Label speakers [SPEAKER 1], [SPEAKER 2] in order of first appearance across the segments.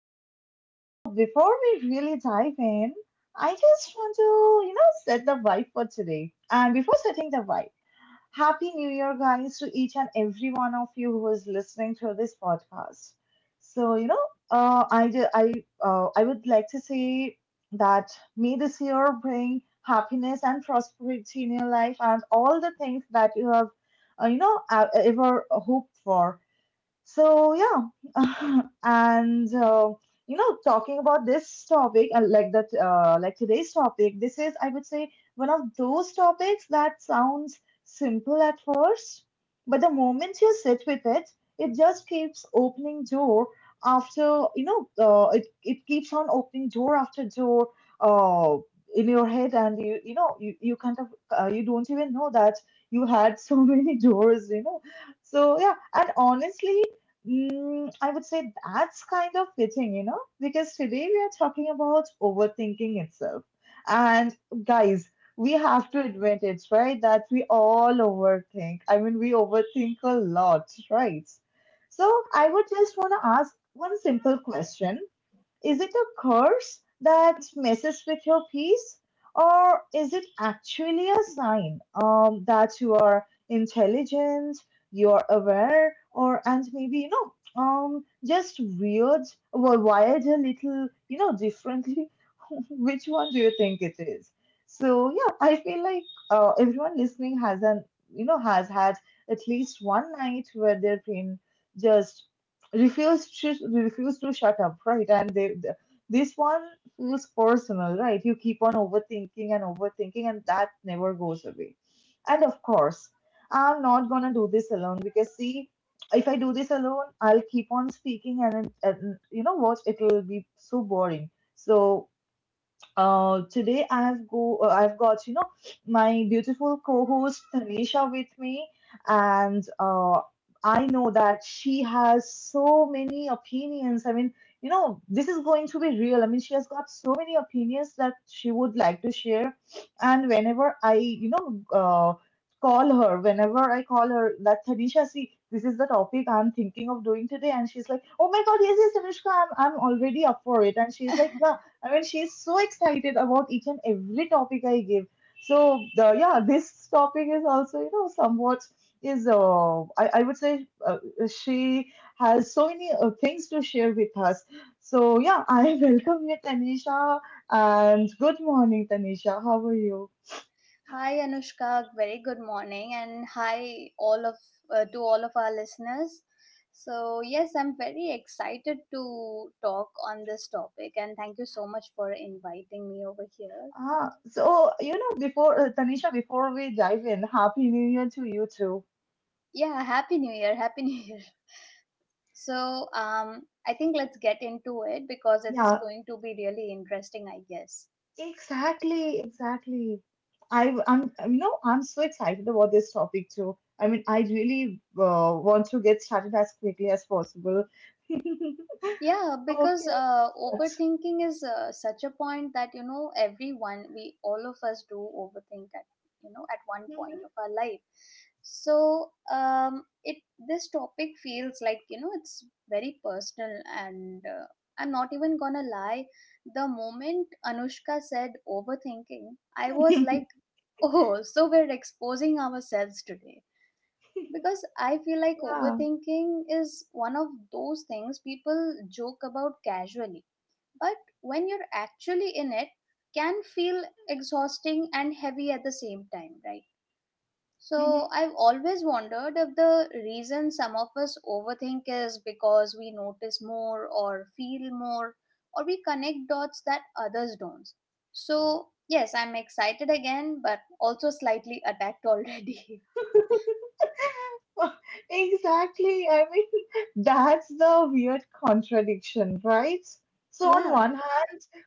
[SPEAKER 1] all right. So before we really dive in, I just want to, you know, set the vibe for today. And before setting the vibe, Happy New Year, guys, to each and every one of you who is listening to this podcast. So, you know, uh, I, ju- I, I would like to say that may this year bring happiness and prosperity in your life and all the things that you have, you know, ever hoped for so yeah, and you know, talking about this topic, like today's topic, this is, I would say, one of those topics that sounds simple at first, but the moment you sit with it, it just keeps opening door after, you know, it keeps on opening door after door, uh, in your head, and you don't even know that you had so many doors, you know. So yeah, and honestly, Mm, I would say that's kind of fitting, you know, because today we are talking about overthinking itself. And guys, we have to admit it, right? That we all overthink. I mean, we overthink a lot, right? So I would just want to ask one simple question, is it a curse that messes with your peace? Or is it actually a sign that you are intelligent, you are aware, or and maybe, you know, um, just weird, wired a little, you know, differently? Which one do you think it is? So, yeah, I feel like everyone listening has an, you know, has had at least one night where their brain just refused to shut up, right? This one feels personal, right? You keep on overthinking and overthinking, and that never goes away. And of course, I'm not gonna do this alone because see, if I do this alone, I'll keep on speaking, and you know what? It'll be so boring. So today I've got, you know, my beautiful co-host Tanisha with me, and I know that she has so many opinions. I mean, you know, this is going to be real. I mean, she has got so many opinions that she would like to share, and whenever I call her that Tanisha, see. This is the topic I'm thinking of doing today, and she's like, "Oh my God, yes, yes, Tanushka, I'm already up for it." And she's like, "Wow, I mean, she's so excited about each and every topic I give. This topic is also, you know, somewhat is I would say she has so many things to share with us. So yeah, I welcome you, Tanisha, and good morning, Tanisha. How are you?
[SPEAKER 2] Hi Anushka, very good morning, and hi all of to all of our listeners. So yes, I'm very excited to talk on this topic, and thank you so much for inviting me over here.
[SPEAKER 1] Ah, so you know, before Tanisha, before we dive in, happy New Year to you too.
[SPEAKER 2] Yeah, happy New Year, happy New Year. So um, I think let's get into it because it's
[SPEAKER 1] Yeah.
[SPEAKER 2] going to be really interesting, I guess.
[SPEAKER 1] Exactly, exactly. I'm, you know, I'm so excited about this topic too. I mean, I really want to get started as quickly as possible.
[SPEAKER 2] Yeah, because
[SPEAKER 1] Okay.
[SPEAKER 2] overthinking is such a point that you know everyone, we all of us do overthink at you know at one point of our life. So it This topic feels like you know it's very personal, and I'm not even gonna lie. The moment Anushka said overthinking, I was
[SPEAKER 1] Mhm.
[SPEAKER 2] like, oh, so we're exposing ourselves today because I feel like
[SPEAKER 1] Yeah.
[SPEAKER 2] overthinking is one of those things people joke about casually. But when you're actually in it, can feel exhausting and heavy at the same time, right?
[SPEAKER 1] Hmm.
[SPEAKER 2] So I've always wondered if the reason some of us overthink is because we notice more or feel more or we connect dots that others don't. So, yes, I'm excited again, but also slightly attacked already.
[SPEAKER 1] Exactly. I mean, that's the weird contradiction, right? So, on
[SPEAKER 2] yeah.
[SPEAKER 1] one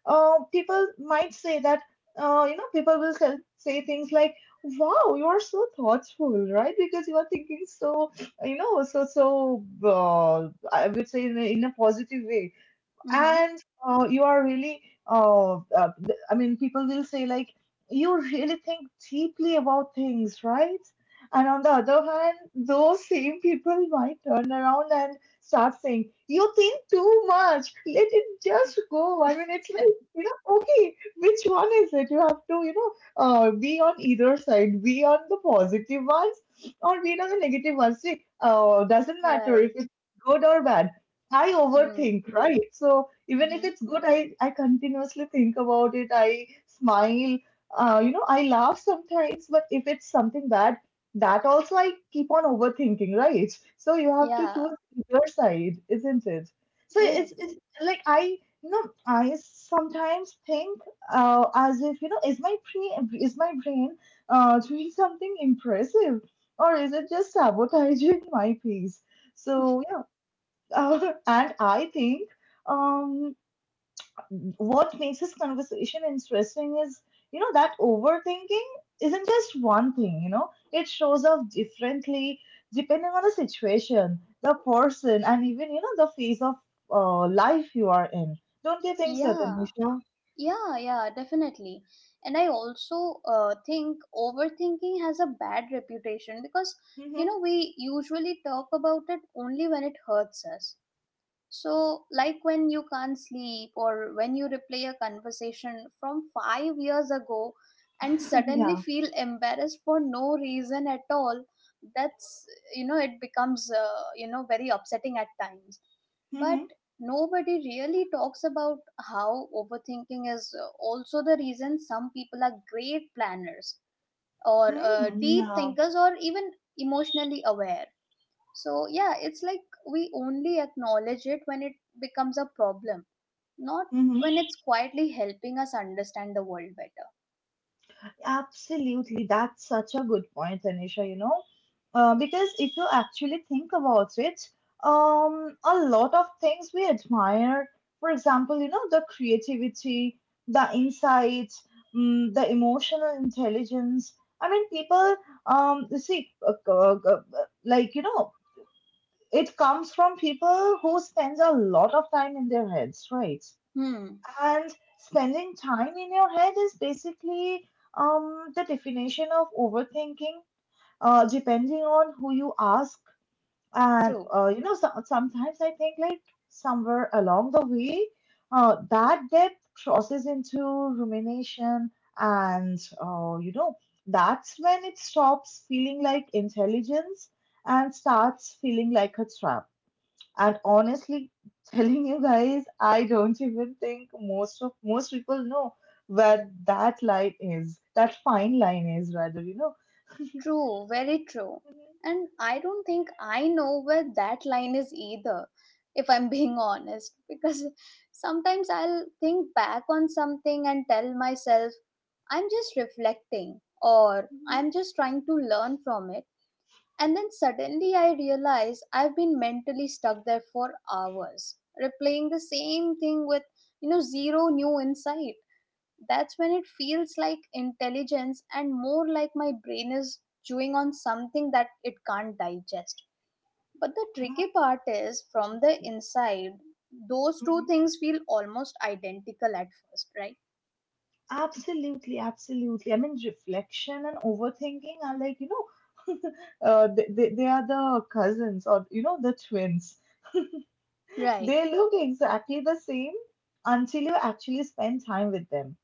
[SPEAKER 1] people might say that, you know, people will say things like, wow, you are so thoughtful, right? Because you are thinking so, you know, I would say in in a positive way,
[SPEAKER 2] Mm-hmm.
[SPEAKER 1] and you are really I mean, people will say like, you really think deeply about things, right? And on the other hand, those same people might turn around and start saying, you think too much, let it just go. I mean, it's like, you know, okay, which one is it? You have to, you know, be on either side, be on the positive ones or be on the negative ones, see. Doesn't matter if
[SPEAKER 2] Right.
[SPEAKER 1] it's good or bad, I
[SPEAKER 2] Mm,
[SPEAKER 1] overthink, right? So even
[SPEAKER 2] mm-hmm.
[SPEAKER 1] if it's good, I continuously think about it. I smile, you know, I laugh sometimes, but if it's something bad, that also I keep on overthinking, right? So you have to
[SPEAKER 2] Yeah,
[SPEAKER 1] choose your side, isn't it?
[SPEAKER 2] yes,
[SPEAKER 1] It's like I, you know, I sometimes think as if, you know, is my brain doing something impressive or is it just sabotaging my peace? So yeah, and I think um, what makes this conversation interesting is, you know, that overthinking isn't just one thing, you know, it shows up differently depending on the situation, the person, and even, you know, the phase of life you are in. Don't you think so,
[SPEAKER 2] yeah,
[SPEAKER 1] Tanisha?
[SPEAKER 2] yeah, definitely. And I also think overthinking has a bad reputation because, you
[SPEAKER 1] Mm-hmm.
[SPEAKER 2] know, we usually talk about it only when it hurts us. So, like when you can't sleep or when you replay a conversation from 5 years ago and suddenly
[SPEAKER 1] Yeah.
[SPEAKER 2] feel embarrassed for no reason at all, that's, you know, it becomes very upsetting at times. But
[SPEAKER 1] Mm-hmm.
[SPEAKER 2] nobody really talks about how overthinking is also the reason some people are great planners or deep
[SPEAKER 1] Mm-hmm.
[SPEAKER 2] thinkers or even emotionally aware. So, yeah, it's like we only acknowledge it when it becomes a problem, not
[SPEAKER 1] Yeah.
[SPEAKER 2] when it's quietly helping us understand the world better.
[SPEAKER 1] Absolutely, that's such a good point, Tanisha, you know, because if you actually think about it, a lot of things we admire, for example, you know, the creativity, the insights, mm, the emotional intelligence. I mean, people, um, you see, uh, uh, uh, like, you know, it comes from people who spends a lot of time in their heads, right?
[SPEAKER 2] Hmm,
[SPEAKER 1] And spending time in your head is basically the definition of overthinking, depending on who you ask. And
[SPEAKER 2] true,
[SPEAKER 1] you know, so, sometimes I think like somewhere along the way, that depth crosses into rumination, and you know, that's when it stops feeling like intelligence and starts feeling like a trap. And honestly, telling you guys, I don't even think most people know where that line is, that fine line is rather, you know.
[SPEAKER 2] true, very true. And I don't think I know where that line is either, if I'm being honest, because sometimes I'll think back on something and tell myself, I'm just reflecting, or
[SPEAKER 1] Mhm.
[SPEAKER 2] I'm just trying to learn from it. And then suddenly I realize I've been mentally stuck there for hours, replaying the same thing with, you know, zero new insight. That's when it feels like intelligence and more like my brain is chewing on something that it can't digest. But the tricky part is from the
[SPEAKER 1] Absolutely.
[SPEAKER 2] inside, those two
[SPEAKER 1] Mhm.
[SPEAKER 2] things feel almost identical at first, right?
[SPEAKER 1] Absolutely, absolutely. I mean, reflection and overthinking are like, you know, they are the cousins or, you know, the twins.
[SPEAKER 2] Right.
[SPEAKER 1] They look exactly the same until you actually spend time with them.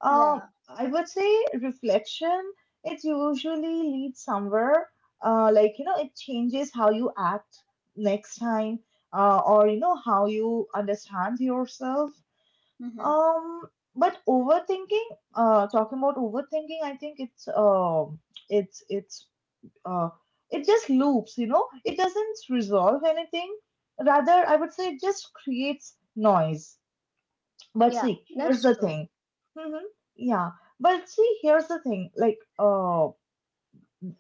[SPEAKER 1] Um,
[SPEAKER 2] Yeah.
[SPEAKER 1] I would say reflection, it usually leads somewhere. Like, you know, it changes how you act next time, or, you know, how you understand yourself.
[SPEAKER 2] Hmm.
[SPEAKER 1] Um, but overthinking, talking about overthinking, I think it's, it's, uh, it just loops, you know, it doesn't resolve anything. Rather, I would say it just creates noise. But
[SPEAKER 2] Yeah,
[SPEAKER 1] see, here's
[SPEAKER 2] that's
[SPEAKER 1] the
[SPEAKER 2] true.
[SPEAKER 1] thing. Mm-hmm. Yeah. But see, here's the thing. Like,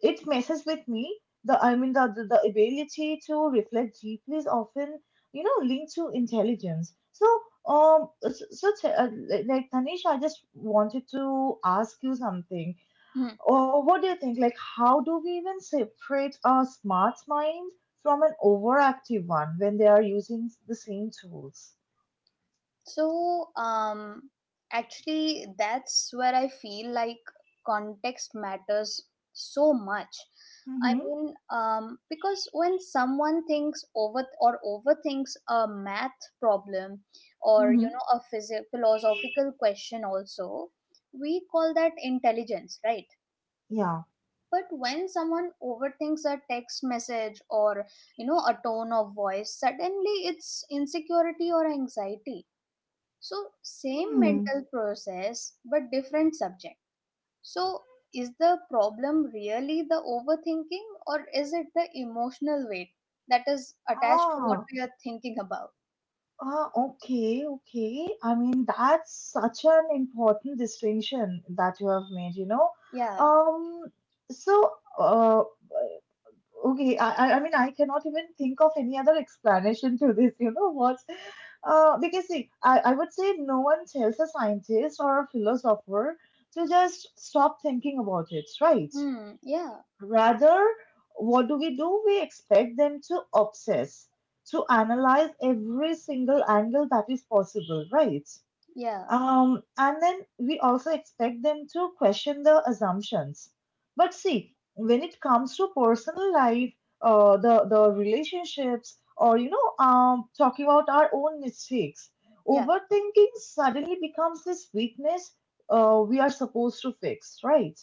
[SPEAKER 1] it messes with me. The I mean, The ability to reflect deeply is often, you know, linked to intelligence. So, like Tanisha, I just wanted to ask you something.
[SPEAKER 2] Hmm.
[SPEAKER 1] What do you think? Like, how do we even separate a smart mind from an overactive one when they are using the same tools?
[SPEAKER 2] So, um, Actually, that's where I feel like context matters so much.
[SPEAKER 1] Mm-hmm.
[SPEAKER 2] Because when someone thinks over or overthinks a math problem or you
[SPEAKER 1] Mm-hmm.
[SPEAKER 2] know a philosophical question, also we call that intelligence, right?
[SPEAKER 1] Yeah.
[SPEAKER 2] But when someone overthinks a text message or you know a tone of voice, suddenly it's insecurity or anxiety. So, same
[SPEAKER 1] Hmm.
[SPEAKER 2] mental process but different subject. So, is the problem really the overthinking or is it the emotional weight that is attached to what
[SPEAKER 1] Ah,
[SPEAKER 2] we are thinking about?
[SPEAKER 1] ah, okay, okay. I mean, that's such an important distinction that you have made, you know.
[SPEAKER 2] Yeah.
[SPEAKER 1] Um, so, uh, okay, I mean, I cannot even think of any other explanation to this, you know, what? Because see, I would say no one tells a scientist or a philosopher to just stop thinking about it, right?
[SPEAKER 2] Hmm. Yeah.
[SPEAKER 1] Rather, what do? We expect them to obsess, to analyze every single angle that is possible, right?
[SPEAKER 2] Yeah.
[SPEAKER 1] And then we also expect them to question the assumptions. But see, when it comes to personal life, the relationships, or you know, talking about our own mistakes,
[SPEAKER 2] Yeah.
[SPEAKER 1] overthinking suddenly becomes this weakness we are supposed to fix, right?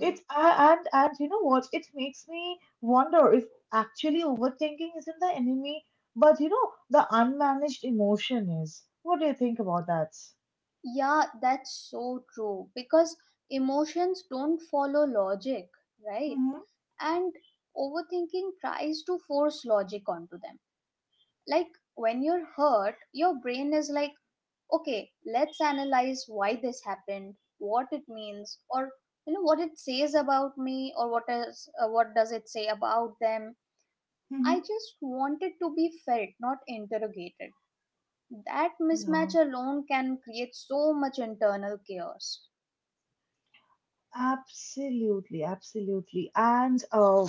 [SPEAKER 1] It a- And you know what? It makes me wonder if actually overthinking isn't the enemy, but you know, the unmanaged emotion is. What do you think about that?
[SPEAKER 2] Yeah, that's so true because emotions don't follow logic, right?
[SPEAKER 1] Mm-hmm,
[SPEAKER 2] And overthinking tries to force logic onto them. Like when you're hurt, your brain is like, okay, let's analyze why this happened, what it means, or you know what it says about me, or what does it say about them. I
[SPEAKER 1] mm-hmm.
[SPEAKER 2] just want it to be felt, not interrogated. That mismatch
[SPEAKER 1] Yeah,
[SPEAKER 2] alone can create so much internal chaos.
[SPEAKER 1] absolutely, absolutely. And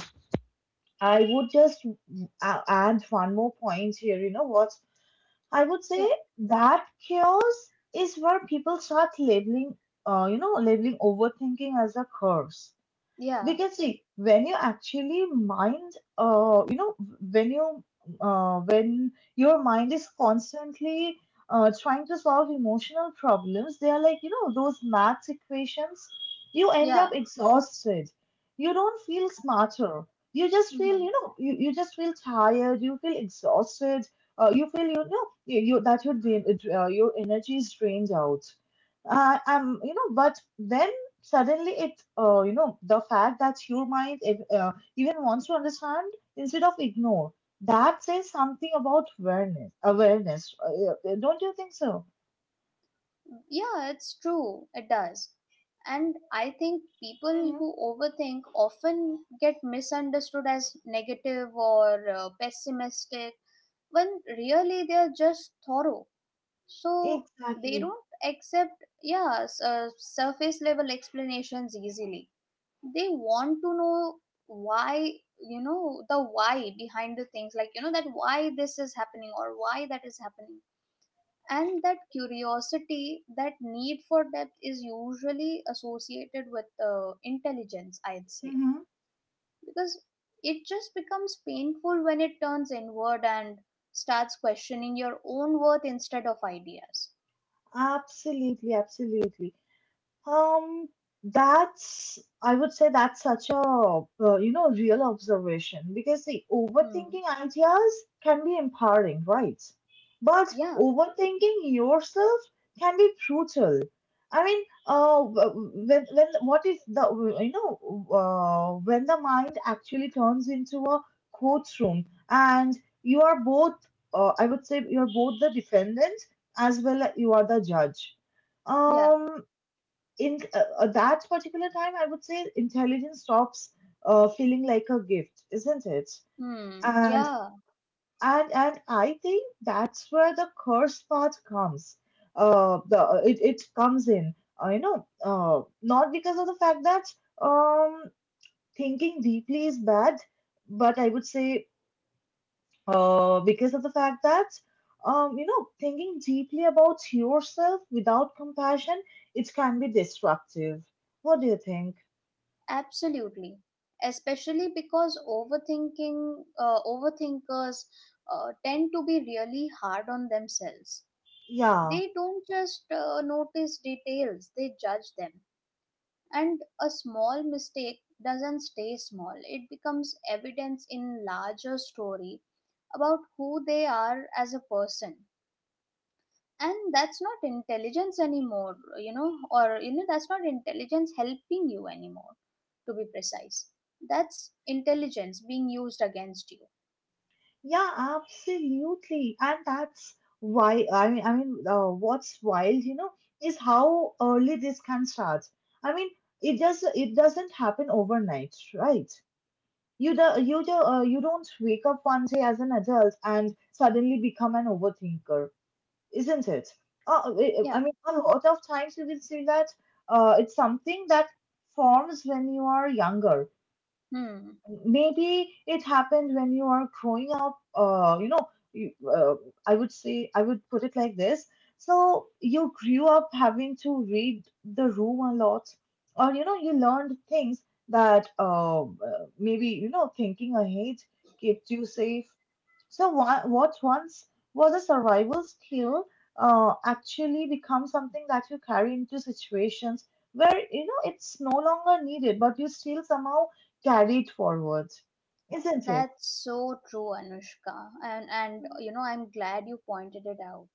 [SPEAKER 1] I would just add one more point here. You know what? I would say
[SPEAKER 2] yeah
[SPEAKER 1] that chaos is where people start labeling, you know, labeling overthinking as a curse. We
[SPEAKER 2] yeah
[SPEAKER 1] can see, when you actually mind you know, when you when your mind is constantly trying to solve emotional problems, they are like, you know, those maths equations, you end
[SPEAKER 2] yeah
[SPEAKER 1] up exhausted, you don't feel smarter, you just feel,
[SPEAKER 2] Hmm.
[SPEAKER 1] you know, you just feel tired, you feel exhausted, you feel, you know, you, that your drain, your energy is drained out, you know, but then suddenly it you know, the fact that your mind even wants to understand instead of ignore, that says something about awareness. Don't you think so?
[SPEAKER 2] Yeah, it's true, it does. And I think people
[SPEAKER 1] Hmm.
[SPEAKER 2] who overthink often get misunderstood as negative or pessimistic when really they're just thorough. So they
[SPEAKER 1] Exactly.
[SPEAKER 2] don't accept surface level explanations easily. They want to know why, you know, the why behind the things, like you know that why this is happening or why that is happening. And that curiosity, that need for depth, is usually associated with intelligence, I'd say.
[SPEAKER 1] Hmm.
[SPEAKER 2] Because it just becomes painful when it turns inward and starts questioning your own worth instead of ideas.
[SPEAKER 1] Absolutely, absolutely. Um, that's, I would say that's such a, you know, real observation because the
[SPEAKER 2] Hmm.
[SPEAKER 1] overthinking ideas can be empowering, right? But
[SPEAKER 2] Yeah.
[SPEAKER 1] overthinking yourself can be brutal. I mean, when, what if the, you know, when the mind actually turns into a courtroom and you are both, I would say you're both the defendant as well as you are the judge.
[SPEAKER 2] Yeah.
[SPEAKER 1] Um, in that particular time, I would say intelligence stops feeling like a gift, isn't it?
[SPEAKER 2] Hmm.
[SPEAKER 1] And
[SPEAKER 2] Yeah.
[SPEAKER 1] and I think that's where the curse part comes. The it it comes in. Not because of the fact that um thinking deeply is bad, but I would say because of the fact that thinking deeply about yourself without compassion, it can be destructive. What do you think?
[SPEAKER 2] Absolutely. Especially because overthinkers tend to be really hard on themselves.
[SPEAKER 1] Yeah,
[SPEAKER 2] They don't just notice details; they judge them. And a small mistake doesn't stay small, it becomes evidence in larger story about who they are as a person. And that's not intelligence anymore, you know, that's not intelligence helping you anymore, to be precise. That's intelligence being used against you.
[SPEAKER 1] yeah, absolutely. And that's why what's wild, you know, is how early this can start. I mean, it doesn't happen overnight, right? You don't wake up one day as an adult and suddenly become an overthinker, isn't it? I
[SPEAKER 2] Yeah.
[SPEAKER 1] mean, a lot of times you will see that it's something that forms when you are younger.
[SPEAKER 2] Hmm.
[SPEAKER 1] Maybe it happened when you are growing up. You, uh, I would say I would put it like this: so you grew up having to read the room a lot, or you know, you learned things that, maybe, you know, thinking ahead kept you safe. So what once was a survival skill actually becomes something that you carry into situations where, you know, it's no longer needed, but you still somehow carried forwards, isn't it?
[SPEAKER 2] That's so true, Anushka. And
[SPEAKER 1] Mhm.
[SPEAKER 2] you know, I'm glad you pointed it out.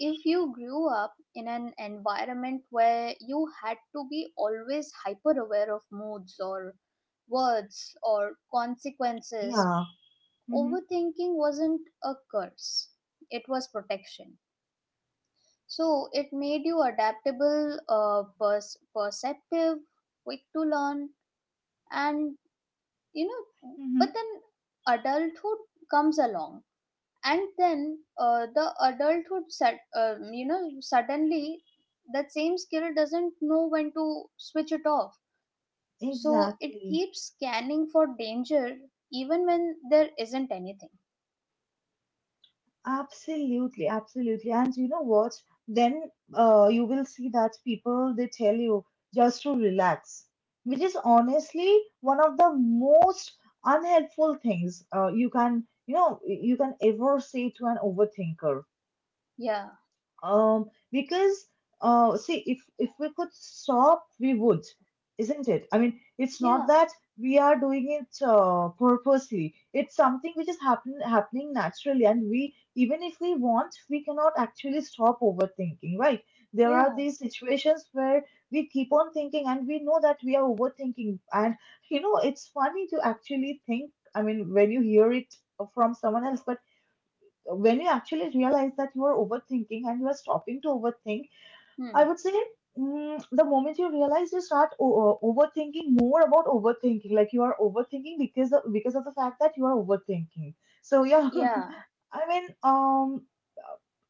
[SPEAKER 2] If you grew up in an environment where you had to be always hyper aware of moods or words or consequences,
[SPEAKER 1] Yeah. Hmm.
[SPEAKER 2] overthinking wasn't a curse, it was protection. So it made you adaptable, perceptive, quick to learn, and you know,
[SPEAKER 1] Hmm.
[SPEAKER 2] but then adulthood comes along, and then you know suddenly that same skill doesn't know when to switch it off. So it
[SPEAKER 1] Exactly.
[SPEAKER 2] keeps scanning for danger even when there isn't anything.
[SPEAKER 1] Absolutely. Absolutely. And you know what? Then you will see that people they tell you just to relax, which is honestly one of the most unhelpful things you can, you know, you can ever say to an overthinker.
[SPEAKER 2] yeah
[SPEAKER 1] Because see, if we could stop, we would, isn't it? I mean, it's not
[SPEAKER 2] yeah
[SPEAKER 1] that we are doing it purposely. It's something which is happening naturally, and we, even if we want, we cannot actually stop overthinking, right? There are
[SPEAKER 2] yeah
[SPEAKER 1] these situations where we keep on thinking, and we know that we are overthinking, and you know, it's funny to actually think. I mean, when you hear it from someone else, but when you actually realize that you are overthinking and you are stopping to overthink, I
[SPEAKER 2] Hmm.
[SPEAKER 1] would say the moment you realize you start overthinking more about overthinking, like you are overthinking because of the fact that you are overthinking. So yeah,
[SPEAKER 2] Yeah.
[SPEAKER 1] I mean,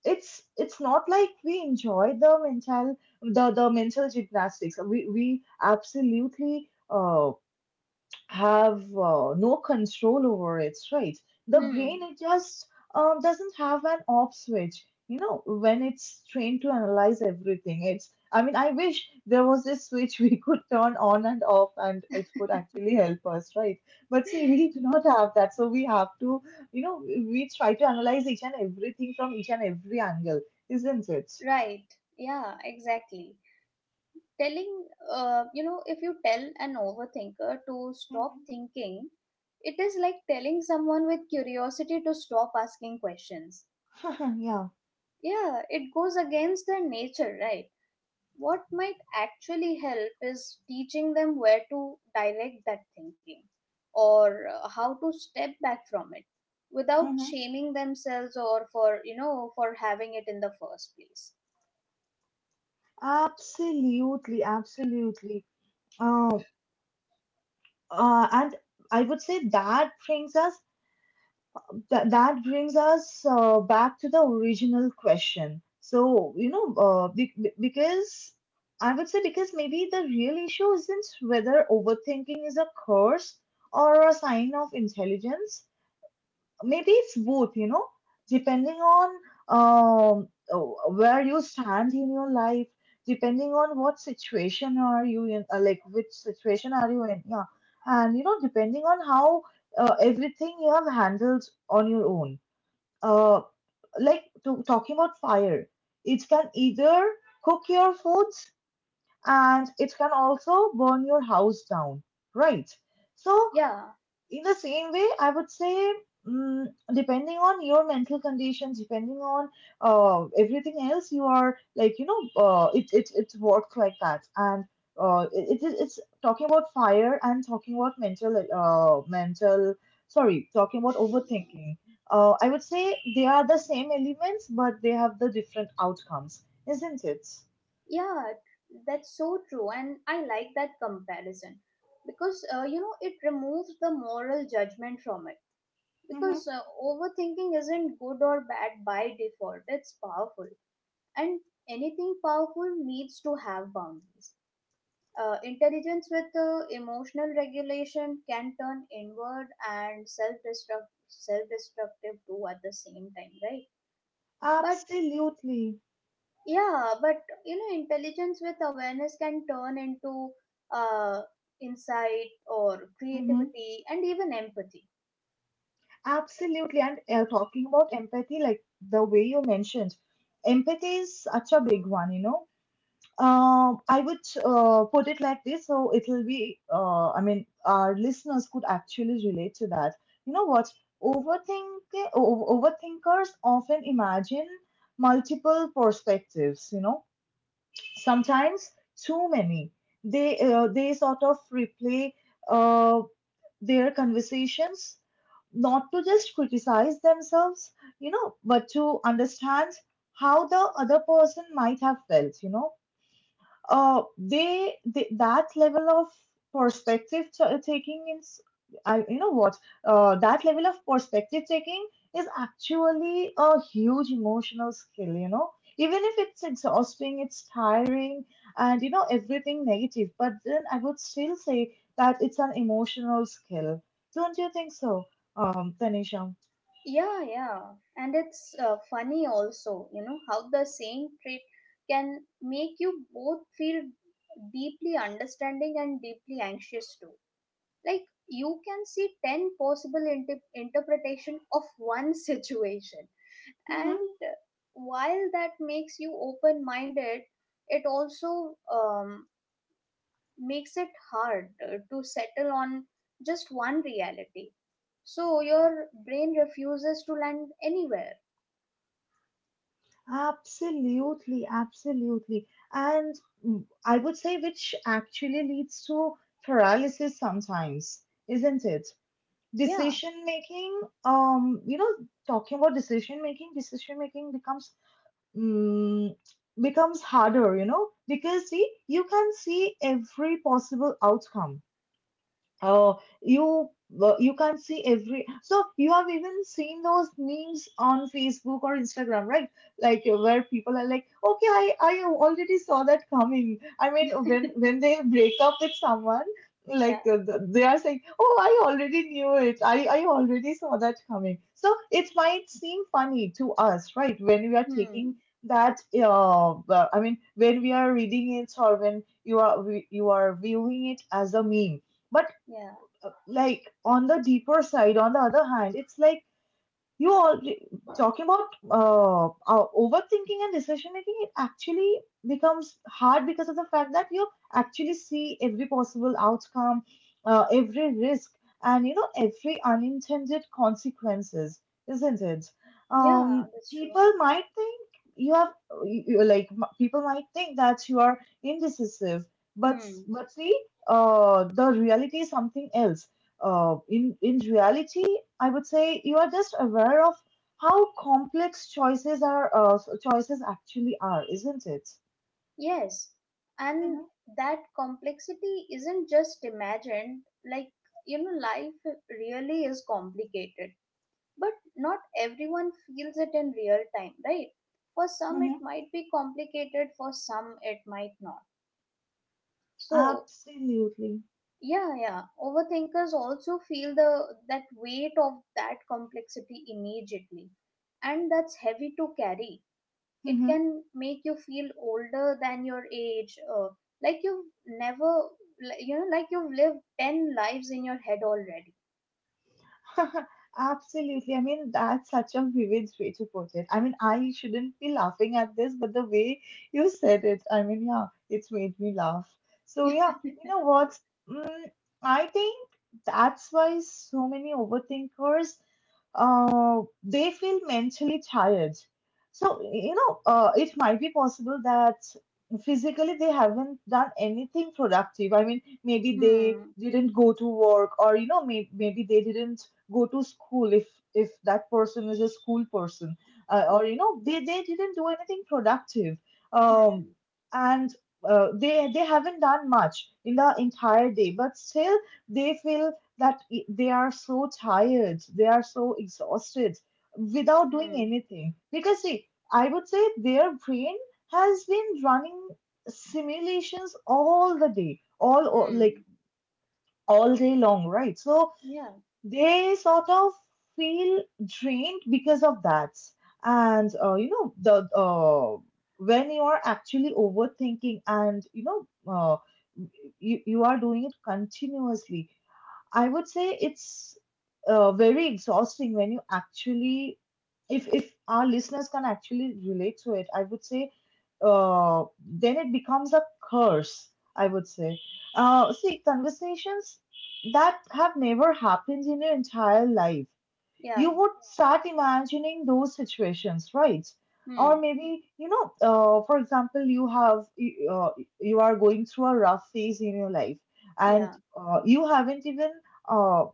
[SPEAKER 1] it's not like we enjoy the mental gymnastics. We absolutely have no control over it, right? The brain,
[SPEAKER 2] Hmm.
[SPEAKER 1] it just doesn't have an off switch. You know, when it's trained to analyze everything, it's. I mean, I wish there was this switch we could turn on and off, and it could actually help us, right? But see, we do not have that, so we have to, you know, we try to analyze each and everything from each and every angle, isn't it?
[SPEAKER 2] Right, yeah, exactly. telling You know, if you tell an overthinker to stop thinking, it is like telling someone with curiosity to stop asking questions.
[SPEAKER 1] Mm-hmm. Yeah.
[SPEAKER 2] Yeah, it goes against their nature, right? What might actually help is teaching them where to direct that thinking or how to step back from it without
[SPEAKER 1] Mm-hmm.
[SPEAKER 2] shaming themselves or for, you know, for having it in the first place.
[SPEAKER 1] Absolutely, absolutely. Um, and I would say that brings us, that, that brings us back to the original question. So you know, because I would say, because maybe the real issue isn't whether overthinking is a curse or a sign of intelligence. Maybe it's both, you know, depending on, um where you stand in your life, depending on what situation are you in, which situation are you in, yeah, and you know, depending on how everything you have handled on your own. uh like to, talking about fire, it can either cook your foods, and it can also burn your house down, right? So
[SPEAKER 2] Yeah,
[SPEAKER 1] in the same way, I would say, mm, depending on your mental conditions, depending on everything else you are, like, you know, it, it works like that. And it's talking about fire and talking about mental sorry, talking about overthinking. I would say they are the same elements but they have the different outcomes, isn't it?
[SPEAKER 2] yeah, that's so true. And I like that comparison because, you know, it removes the moral judgment from it.
[SPEAKER 1] Mm-hmm.
[SPEAKER 2] Because overthinking isn't good or bad by default, it's powerful, and anything powerful needs to have boundaries. Intelligence with emotional regulation can turn inward and self-destructive too at the same time, right? But
[SPEAKER 1] Absolutely.
[SPEAKER 2] yeah, but you know, intelligence with awareness can turn into uh, insight or creativity and even empathy.
[SPEAKER 1] Absolutely. And talking about empathy, like the way you mentioned, empathy is such a big one, you know. I would put it like this, so it will be, I mean, our listeners could actually relate to that. You know what? Overthink, Overthinkers often imagine multiple perspectives, you know, sometimes too many. They sort of replay uh their conversations, not to just criticize themselves, you know, but to understand how the other person might have felt, you know. They That level of perspective taking is, I, you know what, that level of perspective taking is actually a huge emotional skill, you know, even if it's exhausting, it's tiring, and you know, everything negative, but then I would still say that it's an emotional skill. Don't you think so, Tanisha?
[SPEAKER 2] Yeah, yeah. And it's funny also, you know, how the same trait can make you both feel deeply understanding and deeply anxious too. Like you can see 10 possible interpretation of one situation. And while that makes you open-minded, it also makes it hard to settle on just one reality. So your brain refuses to land anywhere.
[SPEAKER 1] Absolutely, absolutely. And I would say, which actually leads to paralysis sometimes, isn't it?
[SPEAKER 2] Yeah,
[SPEAKER 1] Decision making, you know, talking about decision making becomes mm becomes harder, you know, because see, you can see every possible outcome. Oh, you, well, you can't see every. So you have even seen those memes on Facebook or Instagram, right? Like where people are like, "Okay, I already saw that coming." I mean, when they break up with someone, like
[SPEAKER 2] yeah,
[SPEAKER 1] they are saying, "Oh, I already knew it. I already saw that coming." So it might seem funny to us, right? When we are taking
[SPEAKER 2] hmm,
[SPEAKER 1] that, well, I mean, when we are reading it or when you are, you are viewing it as a meme. But
[SPEAKER 2] yeah,
[SPEAKER 1] like on the deeper side, on the other hand, it's like you all talking about overthinking and decision making, it actually becomes hard because of the fact that you actually see every possible outcome, every risk, and you know, every unintended consequences, isn't it?
[SPEAKER 2] yeah, that's true.
[SPEAKER 1] People might think you have people might think that you are indecisive,
[SPEAKER 2] Hmm,
[SPEAKER 1] but see, the reality is something else. In reality, I would say you are just aware of how complex choices are, choices actually are, isn't it?
[SPEAKER 2] yes.
[SPEAKER 1] Mm-hmm.
[SPEAKER 2] And that complexity isn't just imagined, like, you know, life really is complicated, but not everyone feels it in real time, right? For some, it
[SPEAKER 1] Mm-hmm.
[SPEAKER 2] might be complicated, for some, it might not. So,
[SPEAKER 1] Absolutely.
[SPEAKER 2] yeah, overthinkers also feel the that weight of that complexity immediately, and that's heavy to carry. It can make you feel older than your age, like you've never li- you know, like you've lived 10 lives in your head already.
[SPEAKER 1] Absolutely. I mean, that's such a vivid way to put it. I mean, I shouldn't be laughing at this, but the way you said it, I mean, yeah, it's made me laugh. So, yeah, you know what? Mm, I think that's why so many overthinkers they feel mentally tired. So, you know, it might be possible that physically they haven't done anything productive. I mean, maybe they
[SPEAKER 2] hmm
[SPEAKER 1] didn't go to work, or, you know, maybe they didn't go to school if that person is a school person,
[SPEAKER 2] yeah.
[SPEAKER 1] or you know, they didn't do anything productive. Um
[SPEAKER 2] hmm
[SPEAKER 1] and They haven't done much in the entire day, but still they feel that, they are so tired, they are so exhausted without doing
[SPEAKER 2] hmm
[SPEAKER 1] anything, because see, I would say their brain has been running simulations all the day, all like
[SPEAKER 2] hmm
[SPEAKER 1] all day long, right? So
[SPEAKER 2] yeah
[SPEAKER 1] they sort of feel drained because of that. And you know the when you are actually overthinking and you know, you you are doing it continuously, I would say it's very exhausting. When you actually, if our listeners can actually relate to it, I would say, then it becomes a curse. I would say, see, conversations that have never happened in your entire life,
[SPEAKER 2] yeah
[SPEAKER 1] you would start imagining those situations, right? Or
[SPEAKER 2] hmm
[SPEAKER 1] maybe, you know, for example, you have you are going through a rough phase in your life, and
[SPEAKER 2] yeah
[SPEAKER 1] you haven't even uh,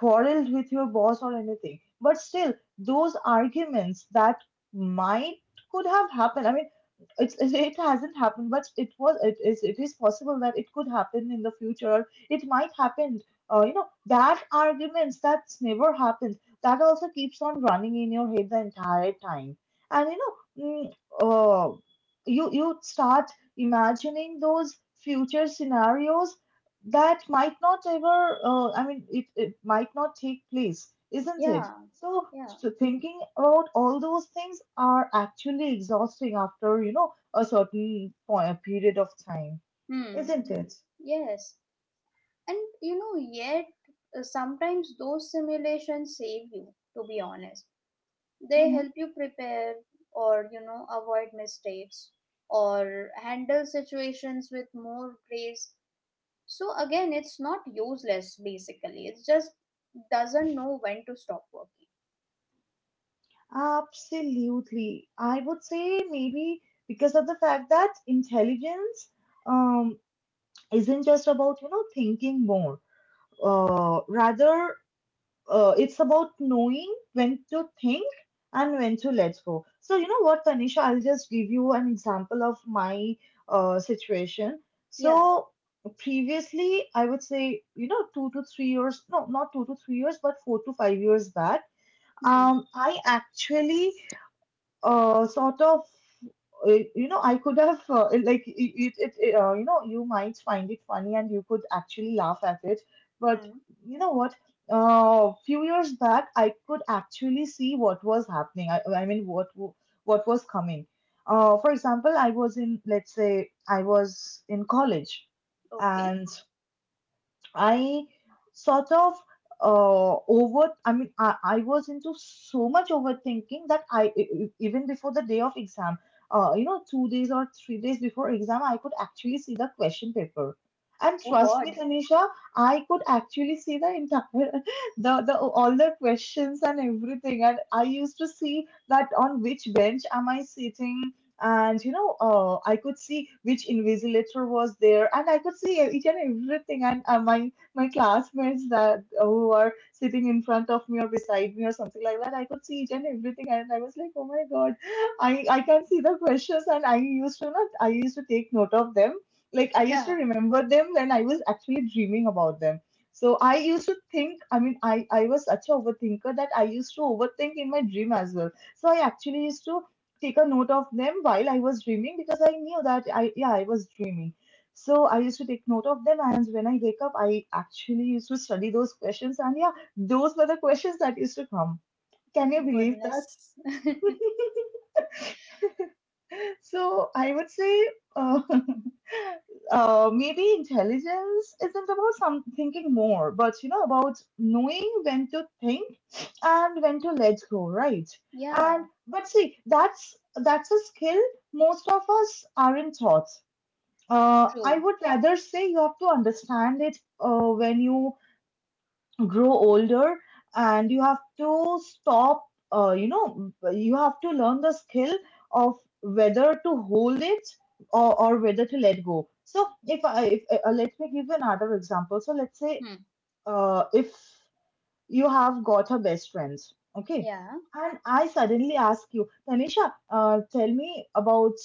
[SPEAKER 1] quarreled with your boss or anything, but still those arguments that might could have happened, I mean, it's, it hasn't happened, but it is possible that it could happen in the future, it might happen. You know, that arguments that's never happened, that also keeps on running in your head the entire time. And you know, mm, uh, you you start imagining those future scenarios that might not ever, I mean, it might not take place, isn't it?
[SPEAKER 2] yeah
[SPEAKER 1] So,
[SPEAKER 2] Yeah
[SPEAKER 1] so thinking about all those things are actually exhausting after, you know, a certain point, period of time,
[SPEAKER 2] hmm
[SPEAKER 1] isn't it?
[SPEAKER 2] yes, and you know yet, sometimes those simulations save you, to be honest. They
[SPEAKER 1] Mm-hmm.
[SPEAKER 2] help you prepare, or you know, avoid mistakes, or handle situations with more grace. So again, it's not useless, basically it just doesn't know when to stop working.
[SPEAKER 1] Absolutely. I would say maybe because of the fact that intelligence, um, isn't just about, you know, thinking more. Rather it's about knowing when to think and when to let go. So, you know what, Tanisha, I'll just give you an example of my situation.
[SPEAKER 2] Yeah.
[SPEAKER 1] So, previously, I would say, you know, 2 to 3 years, no, not 2 to 3 years, but 4 to 5 years back,
[SPEAKER 2] Hmm.
[SPEAKER 1] I actually sort of you know, I could have like, it you know, you might find it funny, and you could actually laugh at it, but
[SPEAKER 2] Hmm.
[SPEAKER 1] you know what, few years back I could actually see what was happening. I mean, what was coming. For example, I was in, let's say, I was in college.
[SPEAKER 2] Okay.
[SPEAKER 1] And I sort of I mean, I was into so much overthinking that I even before the day of exam, you know, 2 days or 3 days before exam, I could actually see the question paper. And
[SPEAKER 2] Oh
[SPEAKER 1] trust me,
[SPEAKER 2] God.
[SPEAKER 1] Tanisha, I could actually see the entire, the all the questions and everything. And I used to see that on which bench am I sitting, and you know, I could see which invigilator was there, and I could see each and everything, and my classmates that who are sitting in front of me or beside me or something like that. I could see each and everything, and I was like, oh my god, I can see the questions, and I used to not, I used to take note of them. Like I used to
[SPEAKER 2] Yeah.
[SPEAKER 1] remember them when I was actually dreaming about them. So I used to think, I mean, I was such a overthinker that I used to overthink in my dream as well. So I actually used to take a note of them while I was dreaming because I knew that I, yeah, I was dreaming. So I used to take note of them, and when I wake up, I actually used to study those questions. And yeah, those were the questions that used to come. Can you believe that?
[SPEAKER 2] Goodness.
[SPEAKER 1] So I would say, uh, maybe intelligence isn't about some thinking more, but you know, about knowing when to think and when to let go, right? And
[SPEAKER 2] Yeah.
[SPEAKER 1] but see, that's a skill most of us aren't taught. I
[SPEAKER 2] True.
[SPEAKER 1] would rather say you have to understand it when you grow older, and you have to stop, you know, you have to learn the skill of whether to hold it, or whether to let go. So if I if, let me give you another example. So let's say,
[SPEAKER 2] Hmm.
[SPEAKER 1] if you have got her best friends. Okay.
[SPEAKER 2] Yeah.
[SPEAKER 1] And I suddenly ask you, Tanisha, tell me about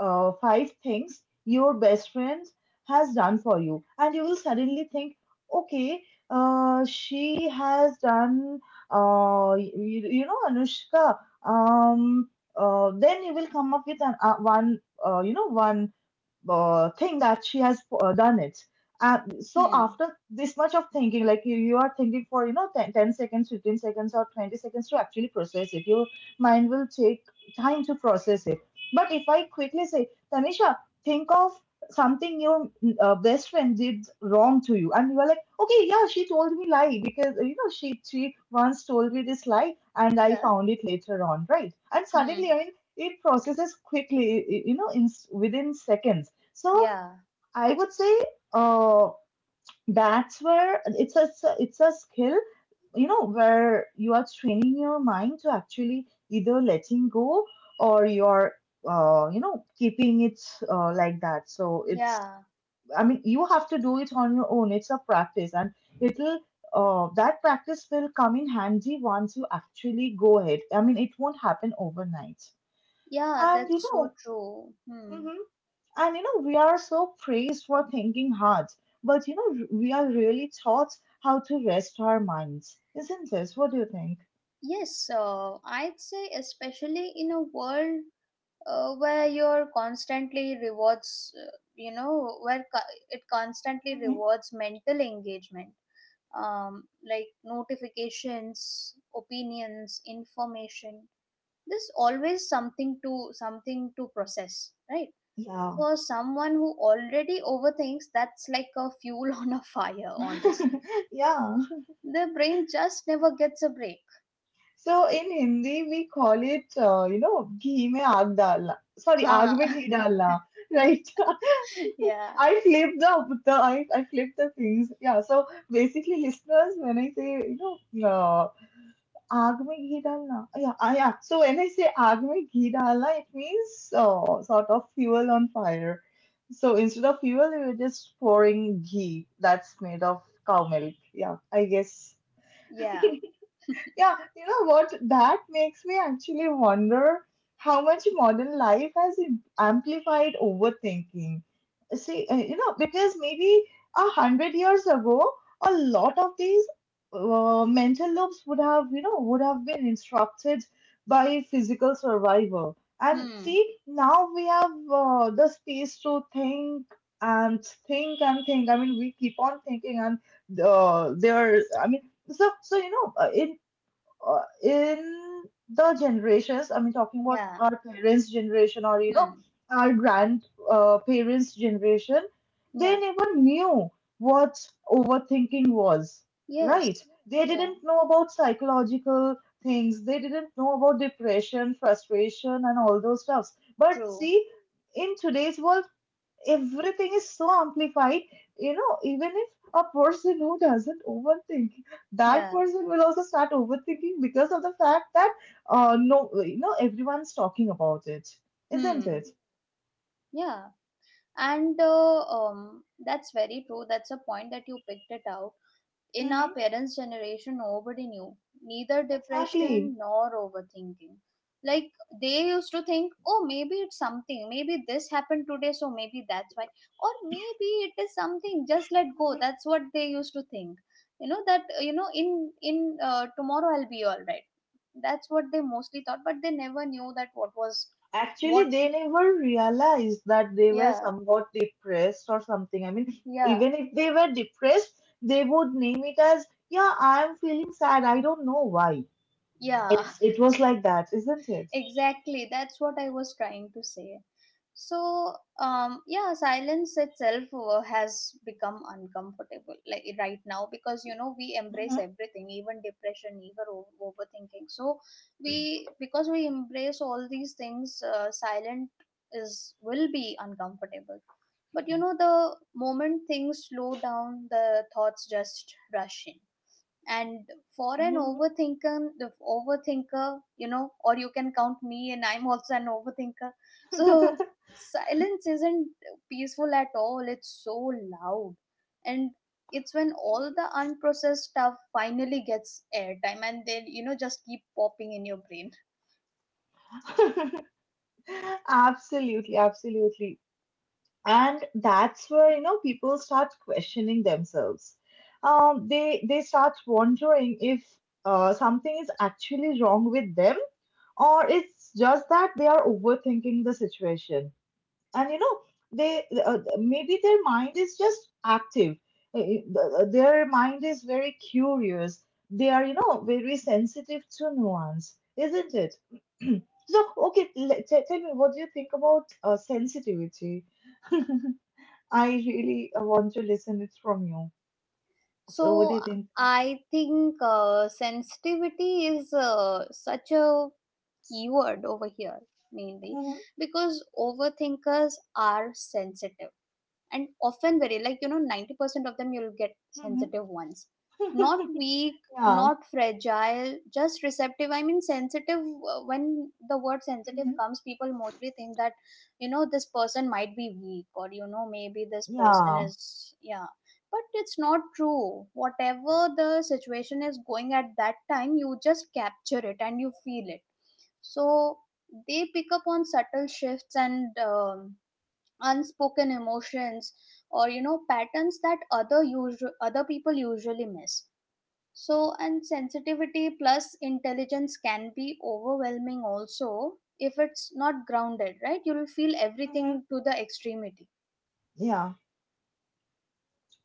[SPEAKER 1] five things your best friend has done for you. And you will suddenly think, okay, she has done, you know, Anushka. Um, then you will come up with an, one, you know, one think that she has done it. And so
[SPEAKER 2] Hmm.
[SPEAKER 1] after this much of thinking, like you are thinking for, you know, 10 seconds, 15 seconds or 20 seconds to actually process it. Your mind will take time to process it. But if I quickly say, Tanisha, think of something your best friend did wrong to you. And you are like, okay, yeah, she told me lie because, you know, she once told me this lie and I
[SPEAKER 2] Yeah.
[SPEAKER 1] found it later on, right? And suddenly,
[SPEAKER 2] Hmm.
[SPEAKER 1] I mean, it processes quickly. You know, within seconds. So
[SPEAKER 2] Yeah.
[SPEAKER 1] I would say, uh, that's where it's a skill, you know, where you are training your mind to actually either letting go or you're, you know, keeping it like that. So it's
[SPEAKER 2] Yeah.
[SPEAKER 1] I mean, you have to do it on your own. It's a practice, and it'll that practice will come in handy once you actually go ahead. I mean, it won't happen overnight,
[SPEAKER 2] Yeah,
[SPEAKER 1] and you
[SPEAKER 2] that's so
[SPEAKER 1] know.
[SPEAKER 2] true. Hmm.
[SPEAKER 1] Mhm. And you know, we are so praised for thinking hard, but you know, we are really taught how to rest our minds, isn't it? What do you think?
[SPEAKER 2] Yes, I'd say especially in a world where you're constantly rewards, you know, where it constantly
[SPEAKER 1] Hmm.
[SPEAKER 2] rewards mental engagement, like notifications, opinions, information. There's always something to process, right?
[SPEAKER 1] Yeah.
[SPEAKER 2] For someone who already overthinks, that's like a fuel on a fire, honestly.
[SPEAKER 1] Yeah.
[SPEAKER 2] The brain just never gets a break.
[SPEAKER 1] So in Hindi, we call it, you know, ghee mein aag dalna. Sorry, aag
[SPEAKER 2] Huh.
[SPEAKER 1] mein ghee dalna. Right.
[SPEAKER 2] Yeah.
[SPEAKER 1] I flip the, I flip the things. Yeah. So basically, listeners, when I say, you know, आग में घी डालना, yeah, yeah, so when I say आग में घी डालना, it means, sort of, fuel on fire. So instead of fuel, we were just pouring ghee that's made of cow milk, yeah, I guess.
[SPEAKER 2] Yeah.
[SPEAKER 1] Yeah, you know what? That makes me actually wonder how much modern life has amplified overthinking. See, you know, because maybe 100 years ago, a lot of these mental loops would have, you know, would have been instructed by physical survival. And
[SPEAKER 2] Hmm.
[SPEAKER 1] see, now we have, the space to think and think and think. I mean, we keep on thinking, and there, I mean, so, you know, in, in the generations, I mean, talking about
[SPEAKER 2] Yeah.
[SPEAKER 1] our parents' generation or, you know,
[SPEAKER 2] Hmm.
[SPEAKER 1] our grandparents' parents' generation, they
[SPEAKER 2] Yeah.
[SPEAKER 1] never knew what overthinking was, right?
[SPEAKER 2] Yes.
[SPEAKER 1] They
[SPEAKER 2] Yeah.
[SPEAKER 1] didn't know about psychological things, they didn't know about depression, frustration, and all those stuffs. But
[SPEAKER 2] True.
[SPEAKER 1] see, in today's world, everything is so amplified. You know, even if a person who doesn't overthink, that
[SPEAKER 2] Yeah.
[SPEAKER 1] person will also start overthinking because of the fact that, no, you know, everyone's talking about it, isn't
[SPEAKER 2] Hmm.
[SPEAKER 1] it?
[SPEAKER 2] Yeah. And that's very true. That's a point that you picked it out. In our
[SPEAKER 1] Mm-hmm.
[SPEAKER 2] parents' generation, nobody knew neither depression
[SPEAKER 1] Exactly.
[SPEAKER 2] nor overthinking. Like, they used to think, oh, maybe it's something, maybe this happened today, so maybe that's why, or maybe it is something, just let go.
[SPEAKER 1] Mhm.
[SPEAKER 2] That's what they used to think. You know, that, you know, in tomorrow I'll be all right. That's what they mostly thought, but they never knew that what was,
[SPEAKER 1] Actually,
[SPEAKER 2] what,
[SPEAKER 1] they never realized that they were
[SPEAKER 2] yeah,
[SPEAKER 1] somewhat depressed or something. I mean,
[SPEAKER 2] yeah,
[SPEAKER 1] even if they were depressed, they would name it as, yeah, I'm feeling sad. I don't know why.
[SPEAKER 2] yeah.
[SPEAKER 1] It was like that, isn't it?
[SPEAKER 2] Exactly, that's what I was trying to say. So, yeah, silence itself has become uncomfortable, like right now, because you know we embrace everything, even depression, even overthinking. So, we because we embrace all these things, silent is will be uncomfortable. But you know, the moment things slow down, the thoughts just rush in, and for an
[SPEAKER 1] Mm-hmm.
[SPEAKER 2] overthinker the overthinker, you know, or you can count me, and I'm also an overthinker. So silence isn't peaceful at all, it's so loud, and it's when all the unprocessed stuff finally gets airtime, and they, you know, just keep popping in your brain.
[SPEAKER 1] Absolutely, absolutely. And that's where, you know, people start questioning themselves. They start wondering if, something is actually wrong with them, or it's just that they are overthinking the situation. And you know, they, maybe their mind is just active. Their mind is very curious. They are, you know, very sensitive to nuance, isn't it? So, okay, tell me, what do you think about sensitivity? I really want to listen it from you. So what do
[SPEAKER 2] So
[SPEAKER 1] you think?
[SPEAKER 2] I think sensitivity is such a keyword over here, mainly
[SPEAKER 1] Mhm,
[SPEAKER 2] because overthinkers are sensitive, and often very, like, you know, 90% of them, you'll get
[SPEAKER 1] mhm.
[SPEAKER 2] sensitive ones. Not weak,
[SPEAKER 1] Yeah.
[SPEAKER 2] not fragile, just receptive. I mean sensitive, when the word sensitive
[SPEAKER 1] Mhm.
[SPEAKER 2] comes, people mostly think that, you know, this person might be weak, or, you know, maybe this person
[SPEAKER 1] Yeah.
[SPEAKER 2] is. Yeah, but it's not true. Whatever the situation is going at that time, you just capture it and you feel it. So they pick up on subtle shifts and unspoken emotions, or, you know, patterns that other people usually miss. So, and sensitivity plus intelligence can be overwhelming also, if it's not grounded right. You'll feel
[SPEAKER 1] Mhm.
[SPEAKER 2] everything to the extremity.
[SPEAKER 1] Yeah.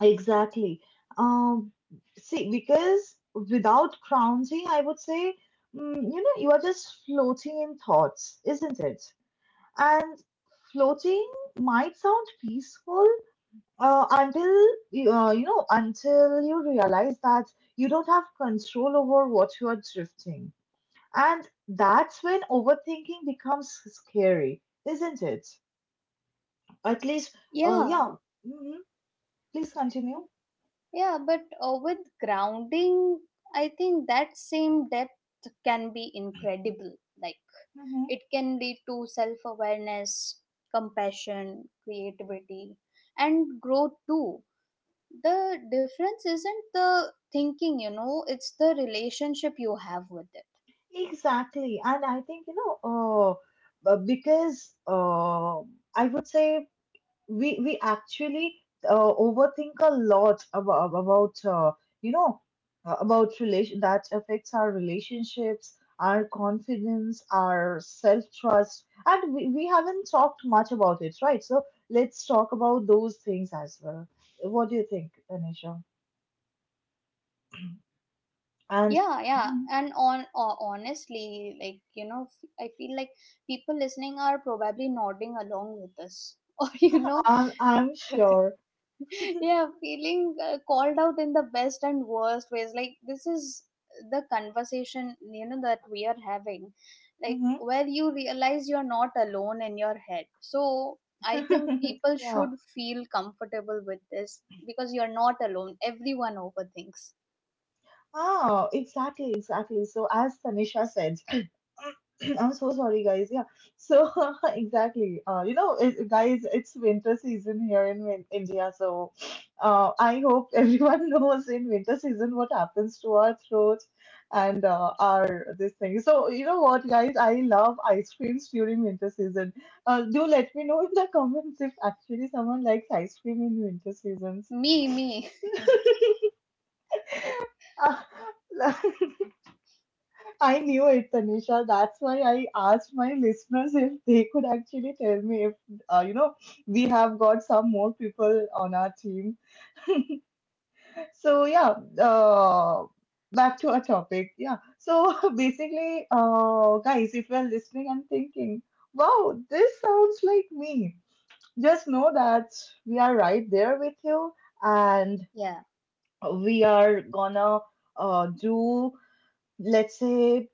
[SPEAKER 1] Exactly. Um, see, because without grounding, I would say, you know, you are just floating in thoughts, isn't it? And floating might sound peaceful until, you know, until you realize that you don't have control over what you are drifting. And that's when overthinking becomes scary, isn't it? At least,
[SPEAKER 2] Yeah,
[SPEAKER 1] yeah. Hmm. Please continue.
[SPEAKER 2] yeah, but with grounding, I think that same depth can be incredible. Like,
[SPEAKER 1] Mm-hmm.
[SPEAKER 2] it can lead to self awareness, compassion, creativity, and growth too. The difference isn't the thinking, you know, it's the relationship you have with it.
[SPEAKER 1] Exactly. And I think, you know, because, I would say, we actually, overthink a lot about, you know, about relation that affects our relationships, our confidence, our self-trust, and we haven't talked much about it, right? So let's talk about those things as well. What do you think, Tanisha? And...
[SPEAKER 2] Yeah, yeah,
[SPEAKER 1] Mhm.
[SPEAKER 2] and on honestly, like, you know, I feel like people listening are probably nodding along with us, or, you know,
[SPEAKER 1] I'm sure.
[SPEAKER 2] yeah, feeling called out in the best and worst ways. Like, this is the conversation, you know, that we are having. Like,
[SPEAKER 1] Hmm.
[SPEAKER 2] where you realize you're not alone in your head. So I think people
[SPEAKER 1] Yeah.
[SPEAKER 2] should feel comfortable with this, because you're not alone, everyone overthinks.
[SPEAKER 1] Oh, exactly, exactly. So as Tanisha said, I'm so sorry, guys. Yeah. So, exactly. You know, guys, it's winter season here in India. So, I hope everyone knows in winter season what happens to our throat and, our this thing. So you know what, guys? I love ice creams during winter season. Do let me know in the comments if actually someone likes ice cream in winter seasons.
[SPEAKER 2] Me, me.
[SPEAKER 1] I knew it, Tanisha. That's why I asked my listeners if they could actually tell me if, you know, we have got some more people on our team. So, yeah, uh, back to our topic. Yeah. So, basically, guys, if you're listening and thinking, wow, this sounds like me, just know that we are right there with you, and
[SPEAKER 2] Yeah.
[SPEAKER 1] we are gonna, do, let's say,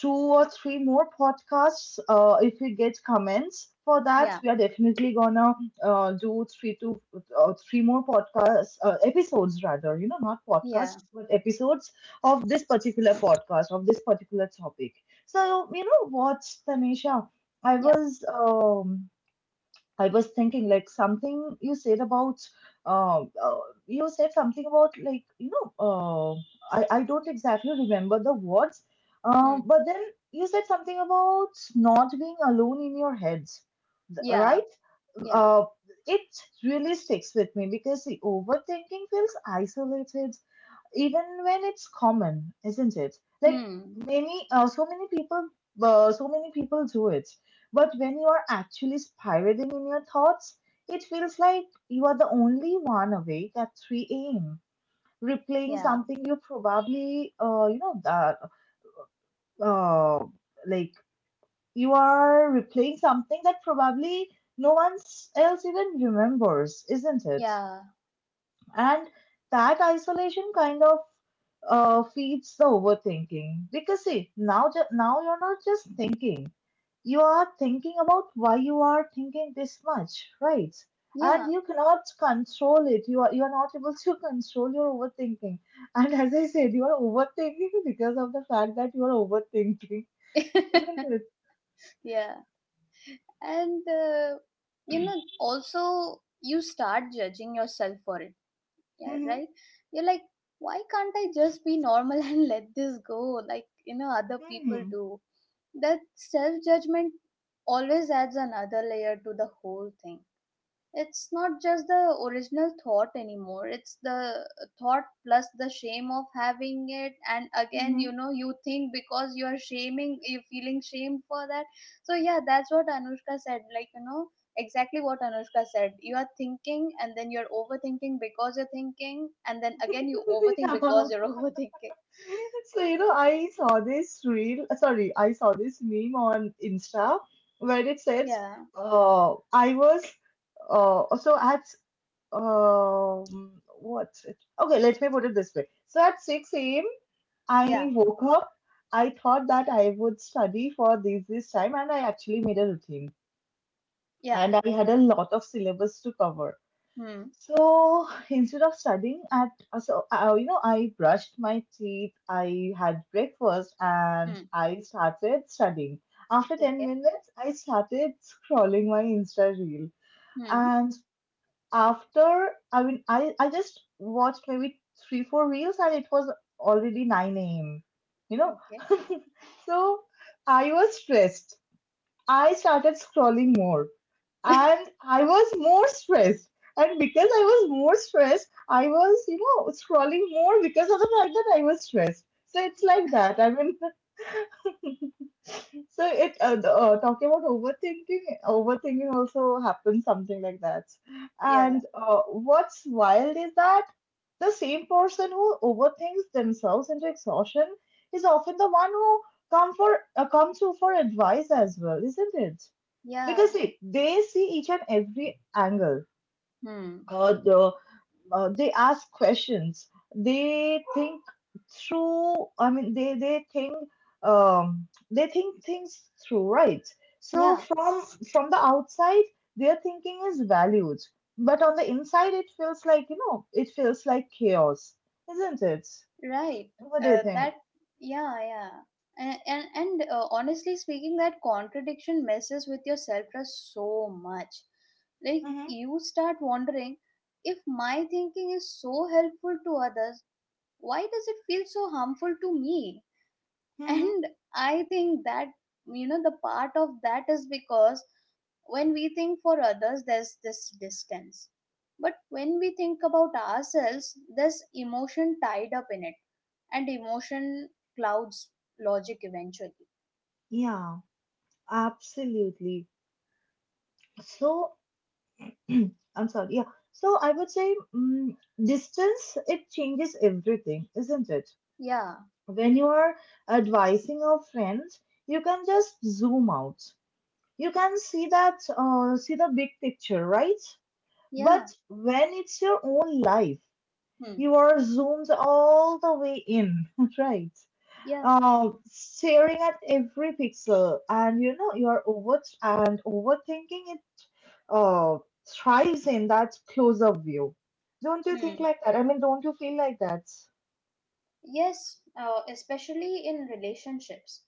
[SPEAKER 1] two or three more podcasts. If we get comments for that,
[SPEAKER 2] Yeah,
[SPEAKER 1] we are definitely gonna do three more podcasts, episodes rather. You know, not
[SPEAKER 2] yeah,
[SPEAKER 1] podcasts but episodes of this particular podcast, of this particular topic. So you know what, Tanisha, i
[SPEAKER 2] yeah.
[SPEAKER 1] was um, I was thinking, like, something you said about uh, uh, you said something about, like, you know, I don't exactly remember the words,
[SPEAKER 2] Hmm,
[SPEAKER 1] but then you said something about not being alone in your head,
[SPEAKER 2] yeah,
[SPEAKER 1] right?
[SPEAKER 2] yeah.
[SPEAKER 1] uh, it really sticks with me because the overthinking feels isolated even when it's common, isn't it? Like,
[SPEAKER 2] Hmm.
[SPEAKER 1] many so many people, so many people do it. But when you are actually spiraling in your thoughts, it feels like you are the only one awake at 3 a.m., replaying
[SPEAKER 2] Yeah,
[SPEAKER 1] something you probably, you know that, uh, like, you are replaying something that probably no one else even remembers, isn't it?
[SPEAKER 2] yeah,
[SPEAKER 1] And that isolation kind of feeds the overthinking because see, now you're not just thinking, you are thinking about why you are thinking this much, right?
[SPEAKER 2] yeah.
[SPEAKER 1] And you cannot control it. You are not able to control your overthinking. And as I said, you are overthinking because of the fact that you are overthinking. Isn't it?
[SPEAKER 2] Yeah, and you know, also you start judging yourself for it. Yeah,
[SPEAKER 1] Mm-hmm.
[SPEAKER 2] right. You're like, why can't I just be normal and let this go, like, you know, other people
[SPEAKER 1] Mm-hmm.
[SPEAKER 2] do. That self judgment always adds another layer to the whole thing. It's not just the original thought anymore, it's the thought plus the shame of having it. And again,
[SPEAKER 1] Mhm.
[SPEAKER 2] you know, you think, because you are shaming, you're feeling shamed for that. So yeah, that's what Anushka said, like, you know, exactly what Anushka said. You are thinking, and then you're overthinking because you're thinking, and then again you overthink because you're overthinking.
[SPEAKER 1] So, you know, I saw this reel, sorry, I saw this meme on Insta where it said,
[SPEAKER 2] Yeah,
[SPEAKER 1] uh, I was, uh, so at, um, what's it? Okay, let me put it this way. So at 6 a.m.,
[SPEAKER 2] yeah,
[SPEAKER 1] I woke up. I thought that I would study for this time, and I actually made a routine.
[SPEAKER 2] yeah.
[SPEAKER 1] And I had a lot of syllabus to cover.
[SPEAKER 2] Hmm.
[SPEAKER 1] So instead of studying at, so you know, I brushed my teeth, I had breakfast, and
[SPEAKER 2] Hmm.
[SPEAKER 1] I started studying. After 10
[SPEAKER 2] Okay.
[SPEAKER 1] minutes, I started scrolling my Insta reel.
[SPEAKER 2] Hmm.
[SPEAKER 1] And after, I mean, I just watched maybe three, four reels, and it was already 9 a.m., you know.
[SPEAKER 2] Okay.
[SPEAKER 1] So I was stressed. I started scrolling more and I was more stressed. And because I was more stressed, I was, scrolling more because of the fact that I was stressed. So it's like that. I mean, talking about overthinking. Overthinking also happens something like that.
[SPEAKER 2] Yeah,
[SPEAKER 1] And what's wild is that the same person who overthinks themselves into exhaustion is often the one who come to for advice as well, isn't it?
[SPEAKER 2] yeah.
[SPEAKER 1] Because see, they see each and every angle.
[SPEAKER 2] Hmm.
[SPEAKER 1] Uh, the, they ask questions. They think through. I mean, they think things through, right? So
[SPEAKER 2] Yeah.
[SPEAKER 1] from the outside, their thinking is valued, but on the inside, it feels like chaos, isn't it?
[SPEAKER 2] Right.
[SPEAKER 1] What do you think?
[SPEAKER 2] That. Yeah, yeah. And honestly speaking, that contradiction messes with your self trust so much. Like,
[SPEAKER 1] Mm-hmm,
[SPEAKER 2] you start wondering, if my thinking is so helpful to others, why does it feel so harmful to me?
[SPEAKER 1] mm-hmm.
[SPEAKER 2] And I think that, you know, the part of that is because when we think for others, there's this distance. But when we think about ourselves, there's emotion tied up in it, and emotion clouds logic eventually.
[SPEAKER 1] Yeah, absolutely. So I'm sorry. Yeah. So I would say, distance, it changes everything, isn't it?
[SPEAKER 2] Yeah,
[SPEAKER 1] When you are advising a friend, you can just zoom out. You can see the big picture, right? But
[SPEAKER 2] yeah.
[SPEAKER 1] when it's your own life,
[SPEAKER 2] Hmm.
[SPEAKER 1] you are zoomed all the way in, right?
[SPEAKER 2] Yeah.
[SPEAKER 1] Staring at every pixel, and you know you are over and overthinking uh, thrives in that closer view. Don't you think
[SPEAKER 2] Hmm.
[SPEAKER 1] like that? I mean, don't you feel like that?
[SPEAKER 2] Yes, especially in relationships.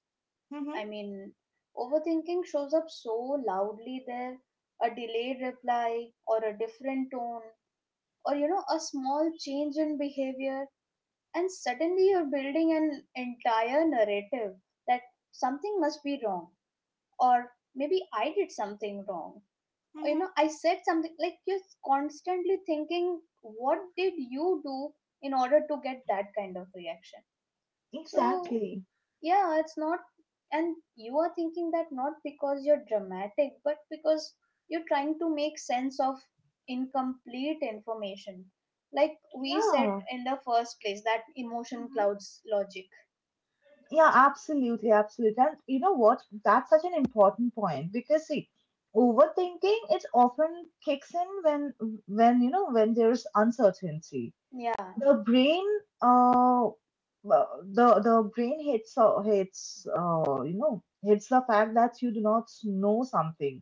[SPEAKER 1] Mm-hmm,
[SPEAKER 2] I mean, overthinking shows up so loudly there. A delayed reply, or a different tone, or, you know, a small change in behavior, and suddenly you're building an entire narrative that something must be wrong, or maybe I did something wrong. You
[SPEAKER 1] mm-hmm,
[SPEAKER 2] know, I said something, like, you're constantly thinking, what did you do in order to get that kind of reaction? So
[SPEAKER 1] exactly.
[SPEAKER 2] yeah, it's not, and you are thinking that, not because you're dramatic, but because you're trying to make sense of incomplete information. Like we said
[SPEAKER 1] Yeah.
[SPEAKER 2] in the first place, that emotion
[SPEAKER 1] Mm-hmm.
[SPEAKER 2] clouds logic.
[SPEAKER 1] Yeah, absolutely, absolutely. And you know what? That's such an important point because see, overthinking, it often kicks in when, when there's uncertainty.
[SPEAKER 2] Yeah.
[SPEAKER 1] The brain uh well, the brain hates the fact that you do not know something.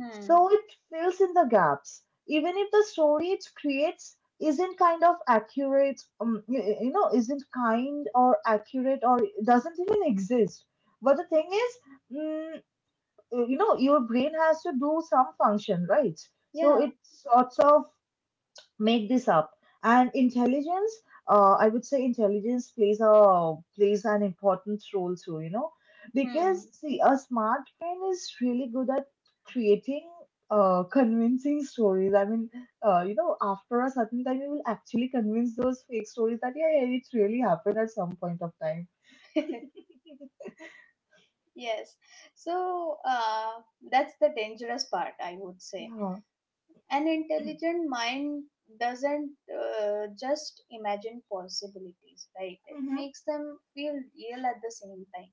[SPEAKER 2] Hmm.
[SPEAKER 1] So it fills in the gaps, even if the story it creates isn't kind of accurate, isn't kind or accurate or doesn't even exist. But the thing is, mm, your brain has to do some function, right? So
[SPEAKER 2] Yeah.
[SPEAKER 1] it sorts of make this up, and intelligence, I would say, intelligence plays an important role too,
[SPEAKER 2] Hmm.
[SPEAKER 1] because see, a smart brain is really good at creating convincing stories. I mean, after a certain time you will actually convince those fake stories that yeah, yeah, it really happened at some point of time.
[SPEAKER 2] Yes. So that's the dangerous part, I would say.
[SPEAKER 1] Yeah.
[SPEAKER 2] An intelligent mind doesn't just imagine possibilities, right? It
[SPEAKER 1] Mm-hmm,
[SPEAKER 2] makes them feel real at the same time.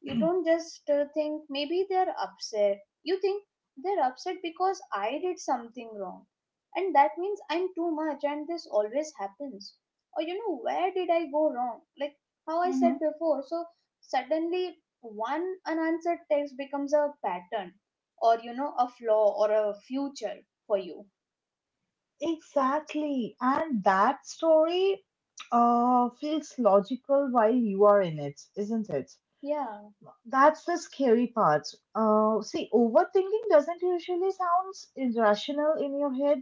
[SPEAKER 2] You don't just think, maybe they're upset. You think they're upset because I did something wrong. And that means I'm too much, and this always happens. Or, you know, where did I go wrong? Like how I said
[SPEAKER 1] mm-hmm.
[SPEAKER 2] before. So suddenly one unanswered text becomes a pattern, or, you know, a flaw, or a future for you.
[SPEAKER 1] Exactly, and that story feels logical while you are in it, isn't it?
[SPEAKER 2] Yeah.
[SPEAKER 1] That's the scary part. See, overthinking doesn't usually sounds irrational in your head.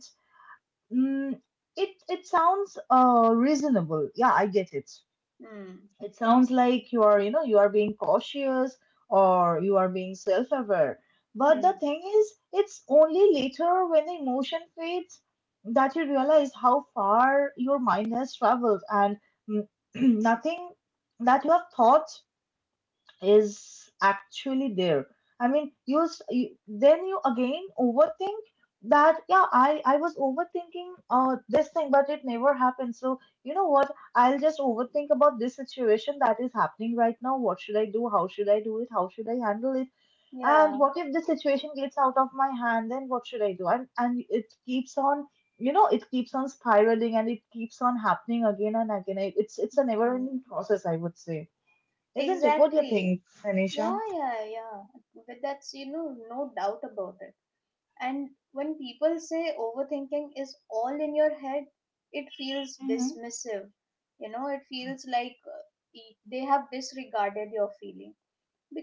[SPEAKER 1] Mm, it sounds reasonable. Yeah, I get it.
[SPEAKER 2] Hmm.
[SPEAKER 1] It sounds like you are being cautious or you are being self-aware. But the
[SPEAKER 2] Hmm.
[SPEAKER 1] thing is, it's only later when the emotion fades that you realize how far your mind has traveled, and mm, nothing that you have thought is actually there. I mean, you, then you again overthink that. Yeah, I was overthinking this thing, but it never happened. So you know what? I'll just overthink about this situation that is happening right now. What should I do? How should I do it? How should I handle it? And
[SPEAKER 2] Yeah.
[SPEAKER 1] what if the situation gets out of my hand? Then what should I do? And it keeps on. You know, it keeps on spiraling and it keeps on happening again and again. It's a
[SPEAKER 2] Hmm.
[SPEAKER 1] never-ending process, I would say. Isn't it? What do you
[SPEAKER 2] Exactly.
[SPEAKER 1] think,
[SPEAKER 2] Yeah,
[SPEAKER 1] Tanisha?
[SPEAKER 2] yeah, yeah. But that's, you know, no doubt about it. And when people say overthinking is all in your head, it feels
[SPEAKER 1] Mm-hmm.
[SPEAKER 2] dismissive. You know, it feels like, they have disregarded your feeling.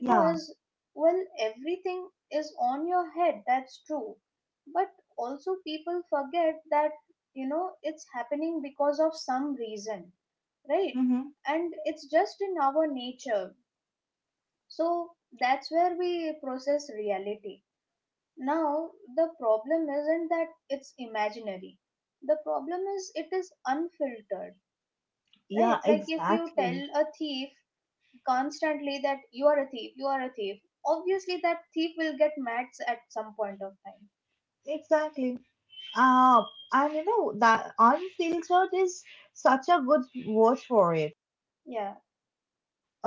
[SPEAKER 1] Yeah.
[SPEAKER 2] well, everything is on your head, that's true. But also, people forget that, you know, it's happening because of some reason, right?
[SPEAKER 1] Mm-hmm.
[SPEAKER 2] And it's just in our nature. So that's where we process reality. Now, the problem isn't that it's imaginary, the problem is it is unfiltered,
[SPEAKER 1] Yeah,
[SPEAKER 2] right? Like, if you tell
[SPEAKER 1] exactly.
[SPEAKER 2] a thief constantly that you are a thief, you are a thief, obviously that thief will get mad at some point of time.
[SPEAKER 1] Exactly. Uh, and you know that "unfiltered" is such a good word for it.
[SPEAKER 2] Yeah.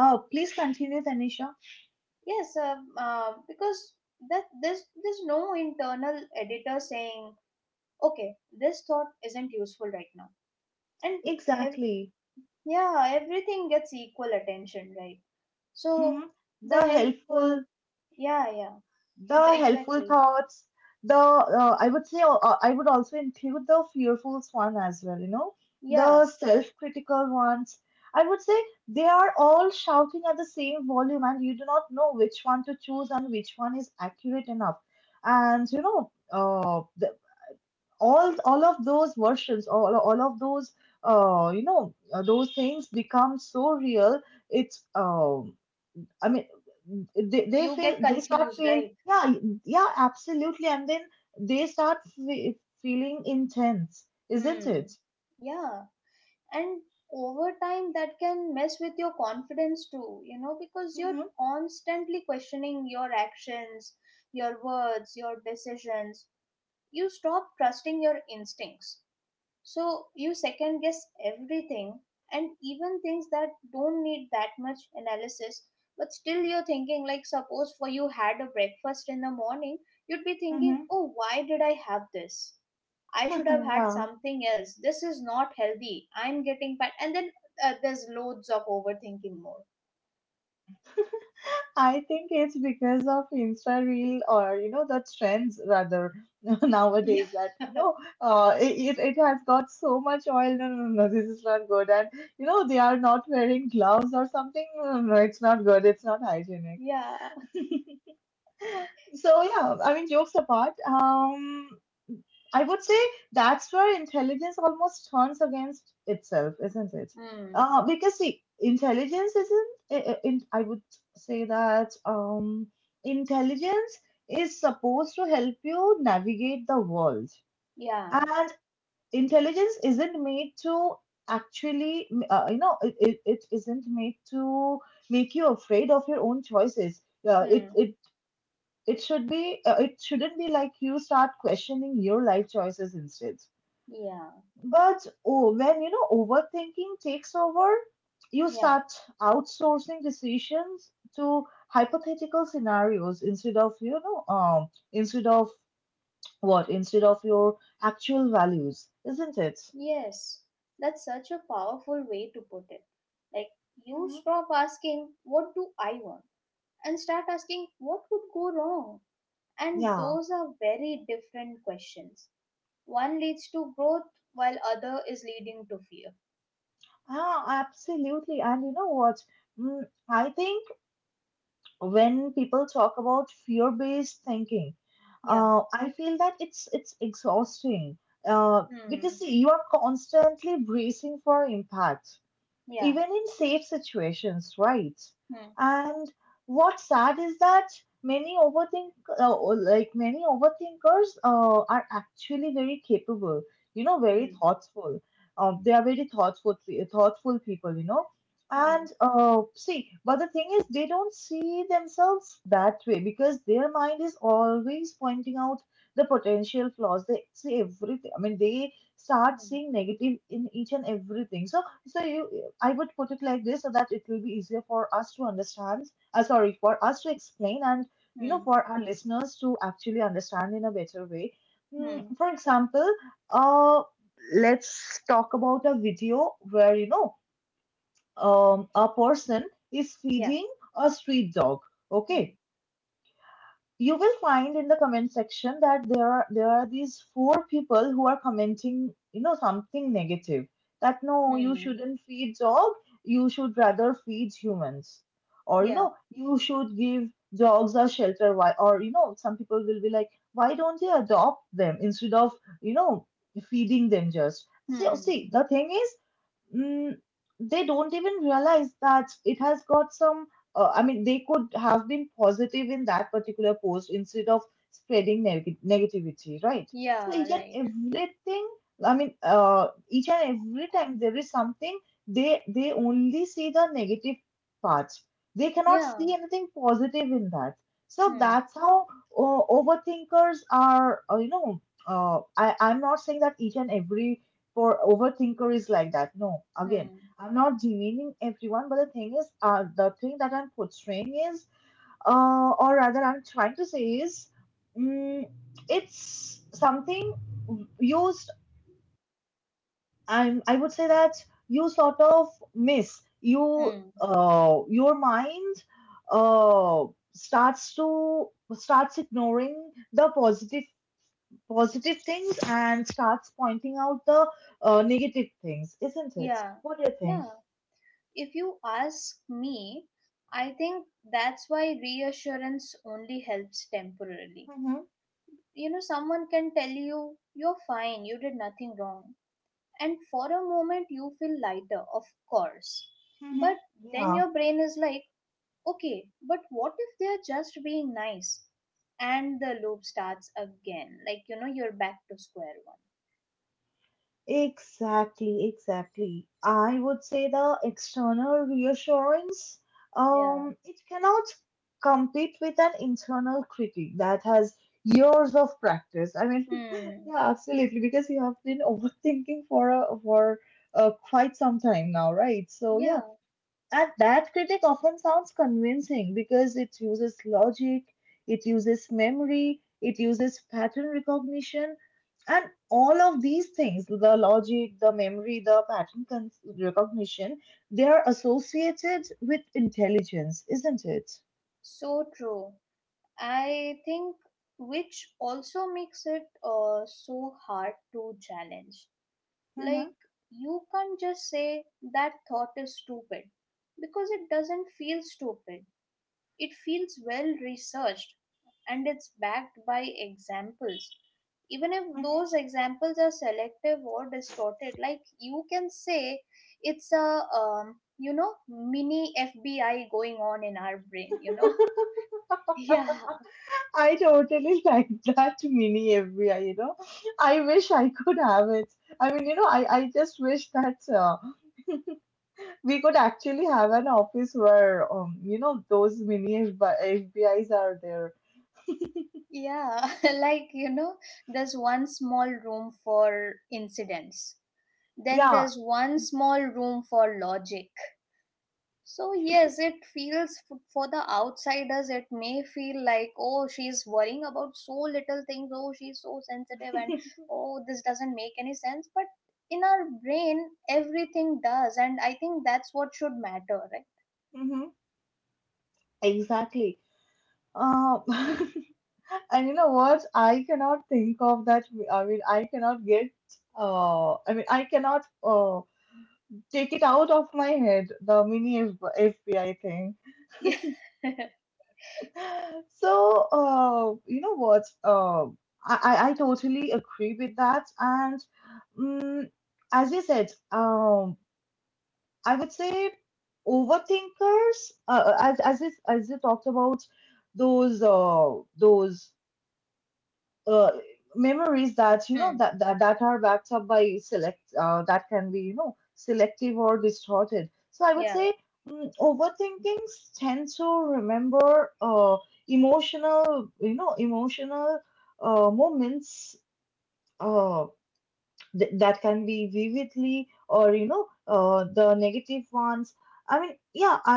[SPEAKER 1] Please continue, Tanisha.
[SPEAKER 2] Yes. Because that there's no internal editor saying, okay, this thought isn't useful right now. And ev-
[SPEAKER 1] Exactly.
[SPEAKER 2] yeah, everything gets equal attention, right? So
[SPEAKER 1] Mm-hmm.
[SPEAKER 2] the
[SPEAKER 1] The
[SPEAKER 2] helpful.
[SPEAKER 1] helpful
[SPEAKER 2] Yeah, yeah.
[SPEAKER 1] the helpful
[SPEAKER 2] Exactly.
[SPEAKER 1] thoughts, the I would say I would also include the fearful one as well,
[SPEAKER 2] Yeah.
[SPEAKER 1] the self-critical ones, I would say. They are all shouting at the same volume and you do not know which one to choose and which one is accurate enough. And all of those you know those things become so real. It's I mean, they
[SPEAKER 2] You
[SPEAKER 1] feel,
[SPEAKER 2] get
[SPEAKER 1] they start
[SPEAKER 2] confused,
[SPEAKER 1] feeling,
[SPEAKER 2] right?
[SPEAKER 1] yeah. Yeah, absolutely, and then they feeling intense, isn't
[SPEAKER 2] Hmm.
[SPEAKER 1] it?
[SPEAKER 2] Yeah. And over time, that can mess with your confidence too, you know, because you're
[SPEAKER 1] Mm-hmm,
[SPEAKER 2] constantly questioning your actions, your words, your decisions. You stop trusting your instincts. So you second guess everything, and even things that don't need that much analysis. But still, you're thinking, like, suppose for you had a breakfast in the morning, you'd be thinking,
[SPEAKER 1] mm-hmm.
[SPEAKER 2] oh, why did I have this? I should have had
[SPEAKER 1] Yeah,
[SPEAKER 2] something else. This is not healthy. I'm getting fat. And then there's loads of overthinking more.
[SPEAKER 1] I think it's because of Insta Reel, or, the trends rather,
[SPEAKER 2] Yeah.
[SPEAKER 1] nowadays that it has got so much oil. No, no, no, no, this is not good. And you know they are not wearing gloves or something. No, no, no, it's not good. It's not hygienic.
[SPEAKER 2] Yeah.
[SPEAKER 1] So yeah, I mean, jokes apart. I would say, that's where intelligence almost turns against itself, isn't it?
[SPEAKER 2] Mm.
[SPEAKER 1] Because see, intelligence isn't. I would say that, intelligence is supposed to help you navigate the world,
[SPEAKER 2] Yeah.
[SPEAKER 1] and intelligence isn't made to actually, it isn't made to make you afraid of your own choices. Uh, it
[SPEAKER 2] Mm.
[SPEAKER 1] it it should be. It shouldn't be like you start questioning your life choices instead.
[SPEAKER 2] Yeah.
[SPEAKER 1] But oh, when, overthinking takes over, you
[SPEAKER 2] Yeah.
[SPEAKER 1] start outsourcing decisions to hypothetical scenarios instead of you know instead of what instead of your actual values, isn't it?
[SPEAKER 2] Yes, that's such a powerful way to put it. Like, you
[SPEAKER 1] hmm
[SPEAKER 2] stop asking, what do I want? And start asking, what could go wrong? And
[SPEAKER 1] Yeah,
[SPEAKER 2] those are very different questions. One leads to growth, while other is leading to fear.
[SPEAKER 1] ah, absolutely. And you know what? Mm, I think when people talk about fear-based thinking,
[SPEAKER 2] Yeah.
[SPEAKER 1] I feel that it's exhausting, uh, because
[SPEAKER 2] Hmm.
[SPEAKER 1] see, you are constantly bracing for impact
[SPEAKER 2] Yeah.
[SPEAKER 1] even in safe situations, right?
[SPEAKER 2] Hmm.
[SPEAKER 1] And what's sad is that many overthink, many overthinkers, are actually very capable. You know, very
[SPEAKER 2] Hmm.
[SPEAKER 1] thoughtful. They are very thoughtful, thoughtful people. You know,
[SPEAKER 2] Hmm.
[SPEAKER 1] and see, but the thing is, they don't see themselves that way because their mind is always pointing out the potential flaws. They see everything. I mean, they start
[SPEAKER 2] Hmm.
[SPEAKER 1] seeing negative in each and everything. I would put it like this so that it will be easier for us to understand. Sorry, for us to explain, and,
[SPEAKER 2] Hmm.
[SPEAKER 1] for our listeners to actually understand in a better way.
[SPEAKER 2] Hmm.
[SPEAKER 1] For example, uh, let's talk about a video where, a person is
[SPEAKER 2] Yeah.
[SPEAKER 1] feeding a street dog.
[SPEAKER 2] Hmm.
[SPEAKER 1] Okay, you will find in the comment section that there are these four people who are commenting, something negative, that no, you
[SPEAKER 2] Hmm.
[SPEAKER 1] shouldn't feed dog, you should rather feed humans, or,
[SPEAKER 2] Yeah.
[SPEAKER 1] you should give dogs a shelter, why? Or, some people will be like, why don't you adopt them instead of, you know feeding them. Just see,
[SPEAKER 2] Hmm.
[SPEAKER 1] see, the thing is, mm, they don't even realize that it has got some, I mean, they could have been positive in that particular post instead of spreading negativity, right? So
[SPEAKER 2] Yeah.
[SPEAKER 1] each and
[SPEAKER 2] Right.
[SPEAKER 1] everything, I mean, each and every time there is something, they only see the negative parts. They cannot
[SPEAKER 2] Yeah.
[SPEAKER 1] see anything positive in that. So
[SPEAKER 2] Hmm.
[SPEAKER 1] that's how, overthinkers are, I'm not saying that each and every for overthinker is like that. No, again,
[SPEAKER 2] Hmm.
[SPEAKER 1] I'm not demeaning everyone, but the thing is, the thing that I'm portraying is, or rather, I'm trying to say is, mm, it's something used. I'm. I would say that you sort of miss you.
[SPEAKER 2] Hmm.
[SPEAKER 1] Your mind, uh, starts to starts ignoring the positive things and starts pointing out the negative things, isn't it?
[SPEAKER 2] Yeah.
[SPEAKER 1] What do you think?
[SPEAKER 2] Yeah. If you ask me, I think that's why reassurance only helps temporarily.
[SPEAKER 1] Mm-hmm,
[SPEAKER 2] You know, someone can tell you, you're fine, you did nothing wrong. And for a moment, you feel lighter, of course.
[SPEAKER 1] mm-hmm.
[SPEAKER 2] But then
[SPEAKER 1] Yeah,
[SPEAKER 2] your brain is like, okay, but what if they're just being nice? And the loop starts again. Like, you know, you're back to square one.
[SPEAKER 1] exactly, exactly. I would say the external reassurance,
[SPEAKER 2] Yeah.
[SPEAKER 1] it cannot compete with an internal critic that has years of practice. I mean,
[SPEAKER 2] Hmm.
[SPEAKER 1] yeah, absolutely, because you have been overthinking for quite some time now, right? So yeah,
[SPEAKER 2] Yeah.
[SPEAKER 1] and that critic often sounds convincing because it uses logic, it uses memory, it uses pattern recognition, and all of these things, the logic, the memory, the pattern recognition, they are associated with intelligence, isn't it?
[SPEAKER 2] So true. I think which also makes it so hard to challenge.
[SPEAKER 1] Mm-hmm.
[SPEAKER 2] Like, you can't just say that thought is stupid, because it doesn't feel stupid. It feels well researched, and it's backed by examples. Even if
[SPEAKER 1] Mm-hmm.
[SPEAKER 2] those examples are selective or distorted. Like, you can say it's a, you know, mini FBI going on in our brain, you know. Yeah.
[SPEAKER 1] I totally like that mini every, you know I wish I could have it. I mean, I just wish that, we could actually have an office where, those mini FBI's are there.
[SPEAKER 2] Yeah. Like, you know, there's one small room for incidents. Then
[SPEAKER 1] Yeah,
[SPEAKER 2] there's one small room for logic. So yes, it feels, for the outsiders it may feel like, oh, she's worrying about so little things, oh, she's so sensitive, and, oh, this doesn't make any sense, but in our brain everything does, and I think that's what should matter, right?
[SPEAKER 1] mm-hmm, exactly. Um, and you know what? I cannot think of that. I mean, I cannot get. I mean, I cannot take it out of my head. The mini FBI thing.
[SPEAKER 2] Yeah.
[SPEAKER 1] So you know what? I totally agree with that. And mm as you said, I would say overthinkers, as if, as you talked about those, uh, memories that,
[SPEAKER 2] Hmm.
[SPEAKER 1] that are backed up by, select that can be, selective or distorted. So I would
[SPEAKER 2] Yeah.
[SPEAKER 1] say, overthinkings tend to remember, emotional, emotional, moments. Uh, that can be vividly, or, the negative ones. I mean, yeah, i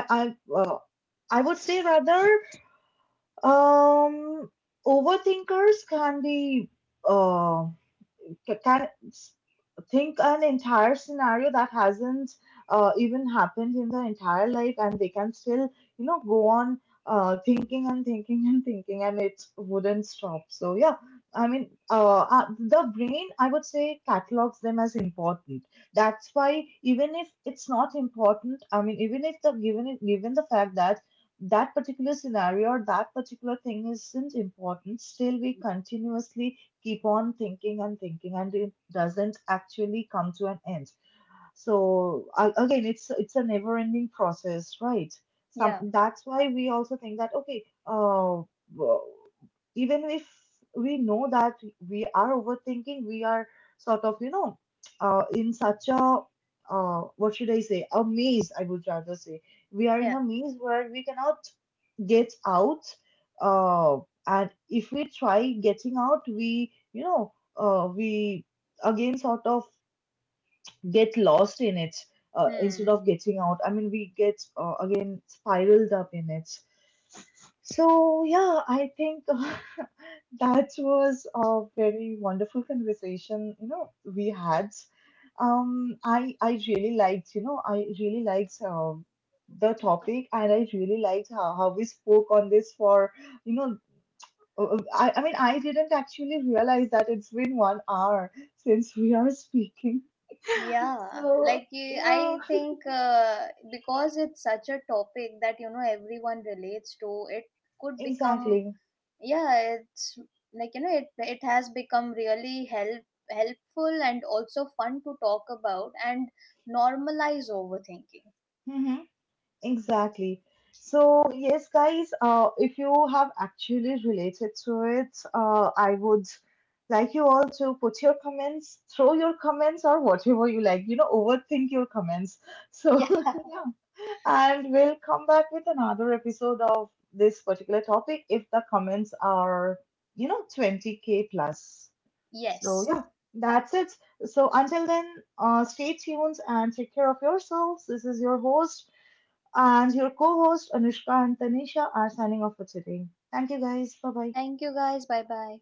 [SPEAKER 1] i uh, I would say rather, um overthinkers can be, uh, can think an entire scenario that hasn't even happened in their entire life, and they can still, go on thinking and thinking and thinking, and it wouldn't stop. So yeah, I mean, the brain, I would say, catalogs them as important. That's why, even if it's not important, I mean, even if, given the fact that that particular scenario or that particular thing isn't important, still we continuously keep on thinking and thinking, and it doesn't actually come to an end. So, again, it's a never ending process, right? some
[SPEAKER 2] Yeah.
[SPEAKER 1] That's why we also think that, okay, w- even if we know that we are overthinking, we are sort of, in such a, what should I say, a maze, I would rather say. We are in
[SPEAKER 2] Yeah.
[SPEAKER 1] a maze where we cannot gets out, uh, and if we try getting out, we you know we again sort of get lost in it, instead
[SPEAKER 2] Hmm.
[SPEAKER 1] of getting out. I mean, we get, again, spiraled up in it. So yeah, I think, that was a very wonderful conversation, you know, we had. I really liked, you know, I really liked, the topic, and I really liked how, we spoke on this for, you know, I mean, I didn't actually realize that it's been 1 hour since we are speaking.
[SPEAKER 2] Yeah,
[SPEAKER 1] So
[SPEAKER 2] like,
[SPEAKER 1] yeah,
[SPEAKER 2] I think because it's such a topic that, you know, everyone relates to, it could become,
[SPEAKER 1] exactly.
[SPEAKER 2] yeah, it's like, you know, it has become really helpful and also fun to talk about, and normalize overthinking.
[SPEAKER 1] Mhm. Exactly. So yes, guys, if you have actually related to it, I would like you all to put your comments, throw your comments, or whatever you like, you know, overthink your comments. So,
[SPEAKER 2] Yeah.
[SPEAKER 1] yeah, and we'll come back with another episode of this particular topic if the comments are, 20K plus. So
[SPEAKER 2] Yes.
[SPEAKER 1] yeah, that's it. So, until then, stay tuned and take care of yourselves. This is your host, and your co host Anushka and Tanisha, are signing off for today. Thank you, guys. Bye bye.
[SPEAKER 2] Thank you guys. Bye bye.